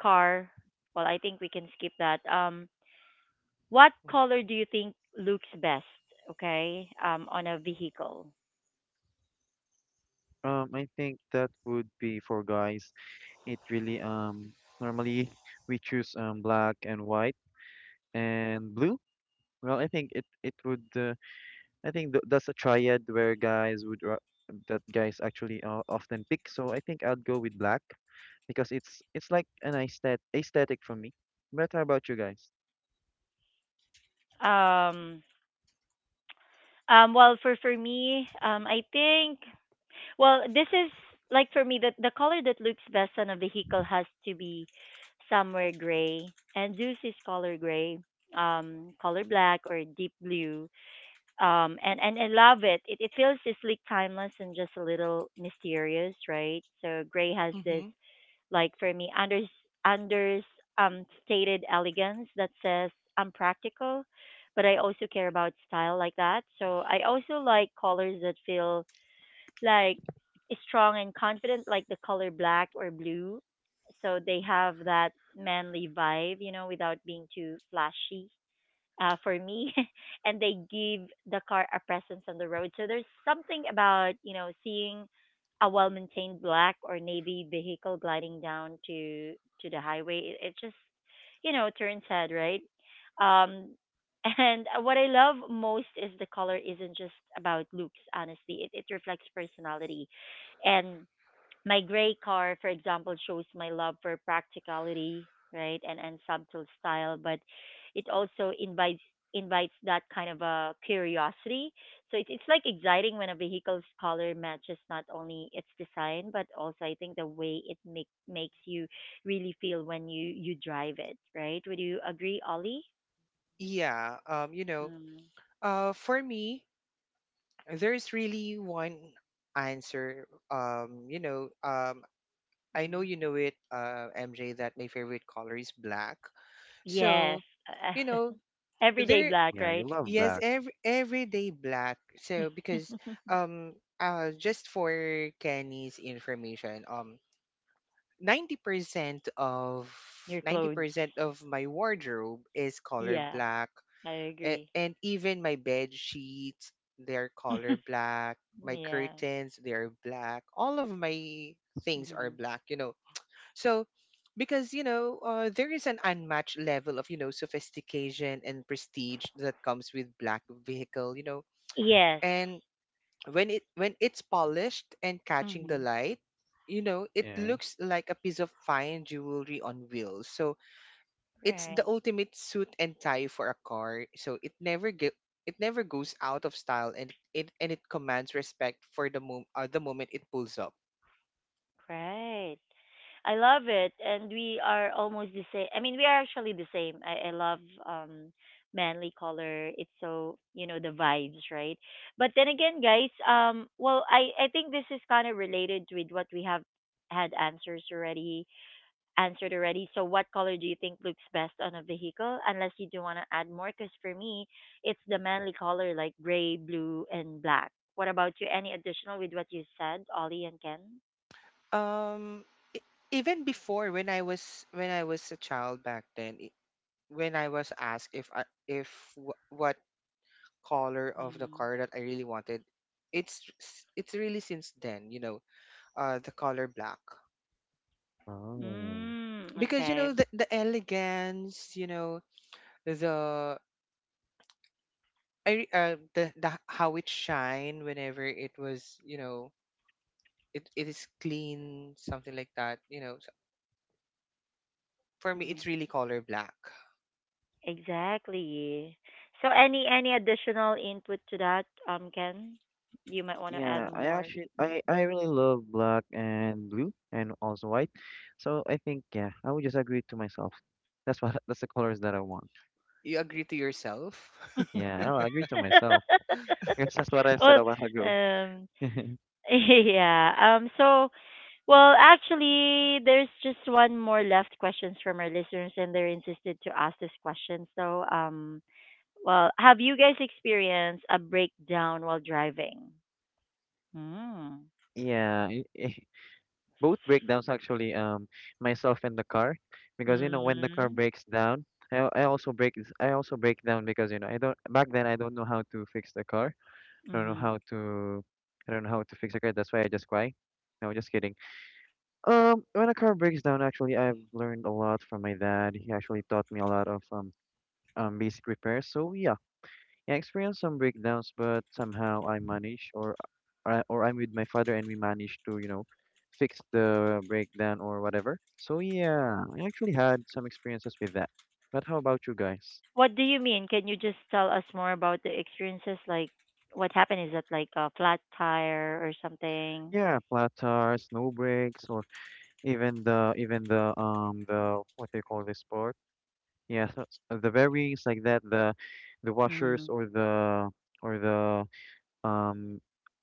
S1: car? Well, I think we can skip that. What color do you think looks best, okay, on a vehicle?
S3: I think that would be for guys. It really normally we choose black and white and blue. Well, I think it would. I think th that's a triad where guys would ra that guys actually often pick. So I think I'd go with black because it's like an aesthetic for me. But how about you guys?
S1: Um, well, for me, I think, well, this is like for me that the color that looks best on a vehicle has to be somewhere gray, and Zeus is color gray, color black or deep blue. And I love it. It feels just like timeless and just a little mysterious, right? So gray has this,
S2: Mm-hmm.
S1: like for me, Anders stated elegance that says I'm practical, but I also care about style like that. So I also like colors that feel like strong and confident, like the color black or blue. So they have that manly vibe, you know, without being too flashy, for me, [laughs] and they give the car a presence on the road. So there's something about, you know, seeing a well-maintained black or navy vehicle gliding down to the highway. It just, you know, turns head, right. Um, [laughs] and what I love most is the color isn't just about looks. Honestly, it reflects personality, and my gray car, for example, shows my love for practicality, right, and subtle style, but it also invites that kind of a curiosity. So it's like exciting when a vehicle's color matches not only its design, but also I think the way it makes you really feel when you drive it, right? Would you agree, Ollie?
S2: Yeah.
S1: Mm,
S2: For me, there's really one answer. Um, you know, um, I know
S1: mm.
S2: you know it, MJ, that my favorite color is black.
S1: Yes,
S2: So, you
S1: [laughs]
S2: know,
S1: everyday
S2: there,
S1: black,
S3: Yeah,
S1: right?
S3: you love
S2: yes,
S3: black.
S2: everyday black. So because
S1: [laughs]
S2: just for Kenny's information, 90% of
S1: Your clothes.
S2: 90% of my wardrobe is color
S1: Yeah,
S2: black.
S1: I
S2: a-
S1: agree.
S2: and even my bed sheets, they're color
S1: [laughs]
S2: black. My
S1: Yeah.
S2: curtains, they're black. All of my things are
S1: Hmm.
S2: black, you know. So because you know there is an unmatched level of sophistication and prestige that comes with black vehicle, you know.
S1: Yes.
S2: And when it's polished and catching the
S1: Hmm.
S2: light, you know, it
S3: Yeah.
S2: looks like a piece of fine jewelry on wheels. So it's the
S1: Right.
S2: ultimate suit and tie for a car, so it never goes out of style, and it commands respect for the moment it pulls up.
S1: Right. I love it, and we are almost the same. I mean, we are actually the same. I love um manly color. It's so, you know, the vibes, right? But then again, guys, well, I think this is kind of related with what we have had answers already answered already. So, what color do you think looks best on a vehicle? Unless you do want to add more, because for me, it's the manly color like gray, blue, and black. What about you? Any additional with what you said, Ollie and Ken?
S2: um e- Even before, when I was a child back then, when I was asked if I, if wh- what color of the car that I really wanted, it's really since then, the color black.
S3: Oh.
S1: Mm. Mm,
S2: Because you
S1: okay.
S2: know the elegance, you know, the the how it shine whenever it was, you know, it is clean, something like that, you know. So for me, it's
S1: Mm.
S2: really color black.
S1: Exactly. So, any additional input to that, Ken? You might want to add
S3: Yeah, I
S1: more.
S3: actually
S1: Mm.
S3: I really love black and blue and also white. So I think yeah, I would just agree to myself. That's what [laughs] that's the colors that I want.
S2: You agree to yourself? [laughs]
S3: Yeah, I'll agree to myself [laughs] because that's what I
S1: [laughs]
S3: said
S1: Well,
S3: a while ago.
S1: um,
S3: [laughs]
S1: [laughs] yeah. So, well, actually, there's just one more left questions from our listeners, and they're insisted to ask this question. So, well, have you guys experienced a breakdown while driving? Hmm.
S3: Yeah, [laughs] both breakdowns actually myself and the car, because you know when the car
S1: Mm-hmm.
S3: breaks down I also break down because you know I don't back then I don't know how to fix the car. I don't know
S1: Mm-hmm.
S3: how to I don't know how to fix a car, that's why I just cry. No, just kidding. When a car breaks down, actually I've learned a lot from my dad. He actually taught me a lot of basic repairs, so yeah, I experienced some breakdowns, but somehow I managed, or or I'm with my father, and we managed to, you know, fix the breakdown or whatever. So yeah, I actually had some experiences with that. But how about you guys?
S1: What do you mean? Can you just tell us more about the experiences? Like, what happened? Is it like a flat tire or something?
S3: Yeah, flat tires, snow breaks, or even the what do you call this part? Yeah, so, so the bearings like that, the
S1: Mm-hmm.
S3: washers or the um,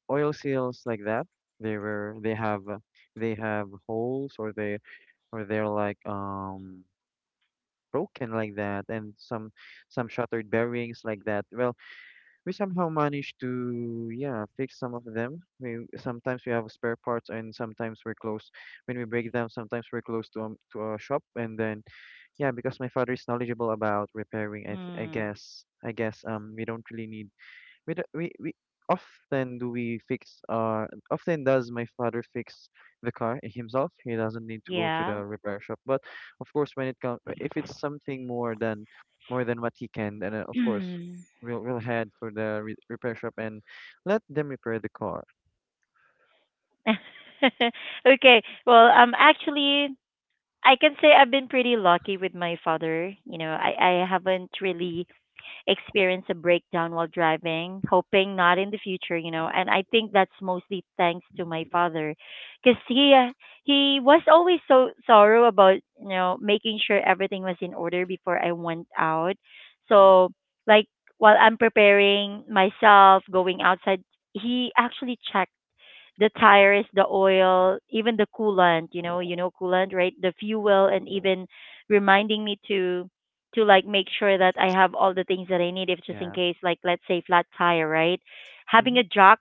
S3: oil seals like that. They were they have holes, or they or they're like broken like that, and some shattered bearings like that. Well, we somehow managed to yeah fix some of them. We sometimes we have spare parts, and sometimes we're close when we break them. Sometimes we're close to a shop, and then yeah, because my father is knowledgeable about repairing. I
S1: Mm.
S3: guess we don't really need we, do- we often do we fix our often does my father fix the car himself. He doesn't need to go to
S1: Yeah.
S3: the repair shop. But of course when it comes if it's something more than what he can, then of course
S1: [clears throat]
S3: we'll head for the re repair shop and let them repair the car.
S1: [laughs] Okay. Well, actually, I can say I've been pretty lucky with my father. You know, I haven't really experienced a breakdown while driving, hoping not in the future, you know, and I think that's mostly thanks to my father because he he was always so thorough about, you know, making sure everything was in order before I went out. So, like, while I'm preparing myself, going outside, he actually checked the tires, the oil, even the coolant, you know coolant, right? The fuel and even reminding me to like make sure that I have all the things that I need if just in
S3: Yeah.
S1: case, like, let's say flat tire, right? Having
S3: Mhm.
S1: a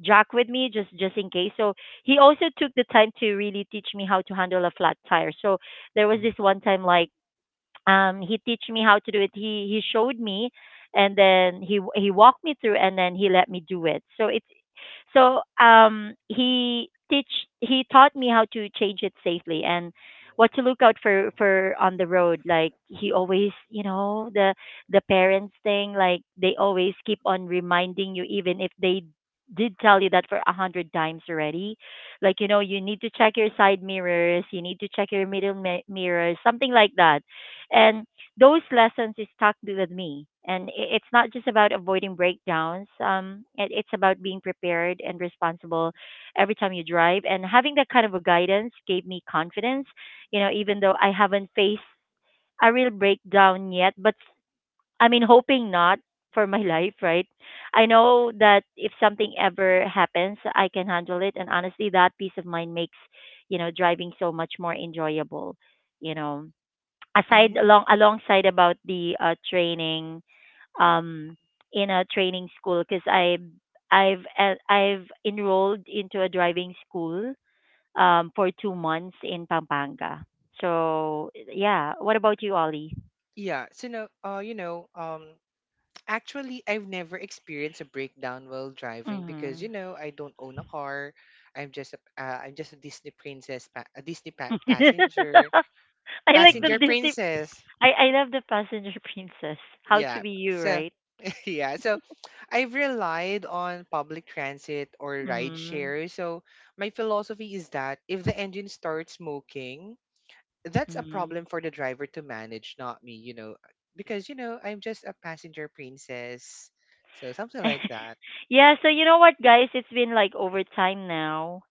S1: jock with me, just in case. So he also took the time to really teach me how to handle a flat tire. So there was
S3: Mhm.
S1: this one time, like he teach me how to do it. He showed me and then he walked me through and then he let me do it. So it's so, he teach he taught me how to change it safely and what to look out for on the road. Like he always, you know, the parents thing. Like they always keep on reminding you, even if they did tell you that for 100 times already. Like, you know, you need to check your side mirrors. You need to check your mirrors, something like that. And those lessons is stuck with me, and it's not just about avoiding breakdowns, it, it's about being prepared and responsible every time you drive, and having that kind of a guidance gave me confidence, you know, even though I haven't faced a real breakdown yet. But I mean, hoping not for my [laughs] life, right? I know that if something ever happens, I can handle it, and honestly that peace of mind makes, you know, driving so much more enjoyable, you know, aside
S2: Hmm.
S1: alongside about the training um in a training school, because I've enrolled into a driving school for 2 months in Pampanga. So yeah, what about you, Ollie?
S2: Yeah. So no, actually, I've never experienced a breakdown while driving because
S1: Mm-hmm.
S2: you know I don't own a car. I'm just a Disney princess, a Disney
S1: [laughs]
S2: passenger,
S1: I like the
S3: Mhm.
S2: passenger
S1: Disney.
S2: princess.
S1: I love the Passenger [laughs] Princess. How to
S2: Yeah.
S1: be you,
S2: So
S1: right?
S2: [laughs] yeah. So I've relied on public transit or ride
S1: Mm-hmm.
S2: share. So my philosophy is that if the engine starts smoking, that's a
S1: Mm-hmm.
S2: problem for the driver to manage, not me. You know, because I'm just a passenger princess. So something like
S1: [laughs]
S2: that.
S1: Yeah, so you know what, guys? It's been like over time now,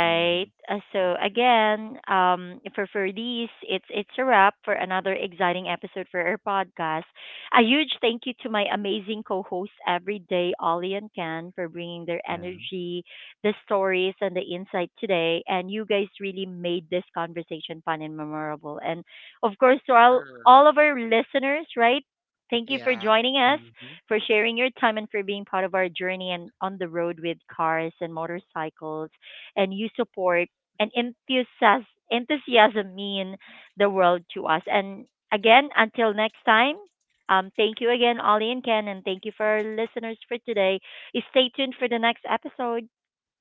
S3: Mhm.
S1: So again, for these, it's a wrap for another exciting episode for our podcast. A huge thank you to my amazing co-hosts every day, Ollie and Ken, for bringing their
S3: Yeah.
S1: energy, the stories, and the insight today. And you guys really made this conversation fun and memorable. And of course, to all
S2: Er,
S1: of our listeners, right? Thank you for
S2: yeah.
S1: joining us
S3: Mhm.
S1: for sharing your time and for being part of our journey and on the road with cars and motorcycles. And you support and enthusiasm mean the world to us. And again, until next time, thank you again, Ollie and Ken, and thank you for our listeners for today. Stay tuned for the next episode.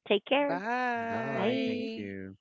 S1: Take care.
S3: Bye,
S1: Bye.
S3: thank
S2: Bye.
S3: you.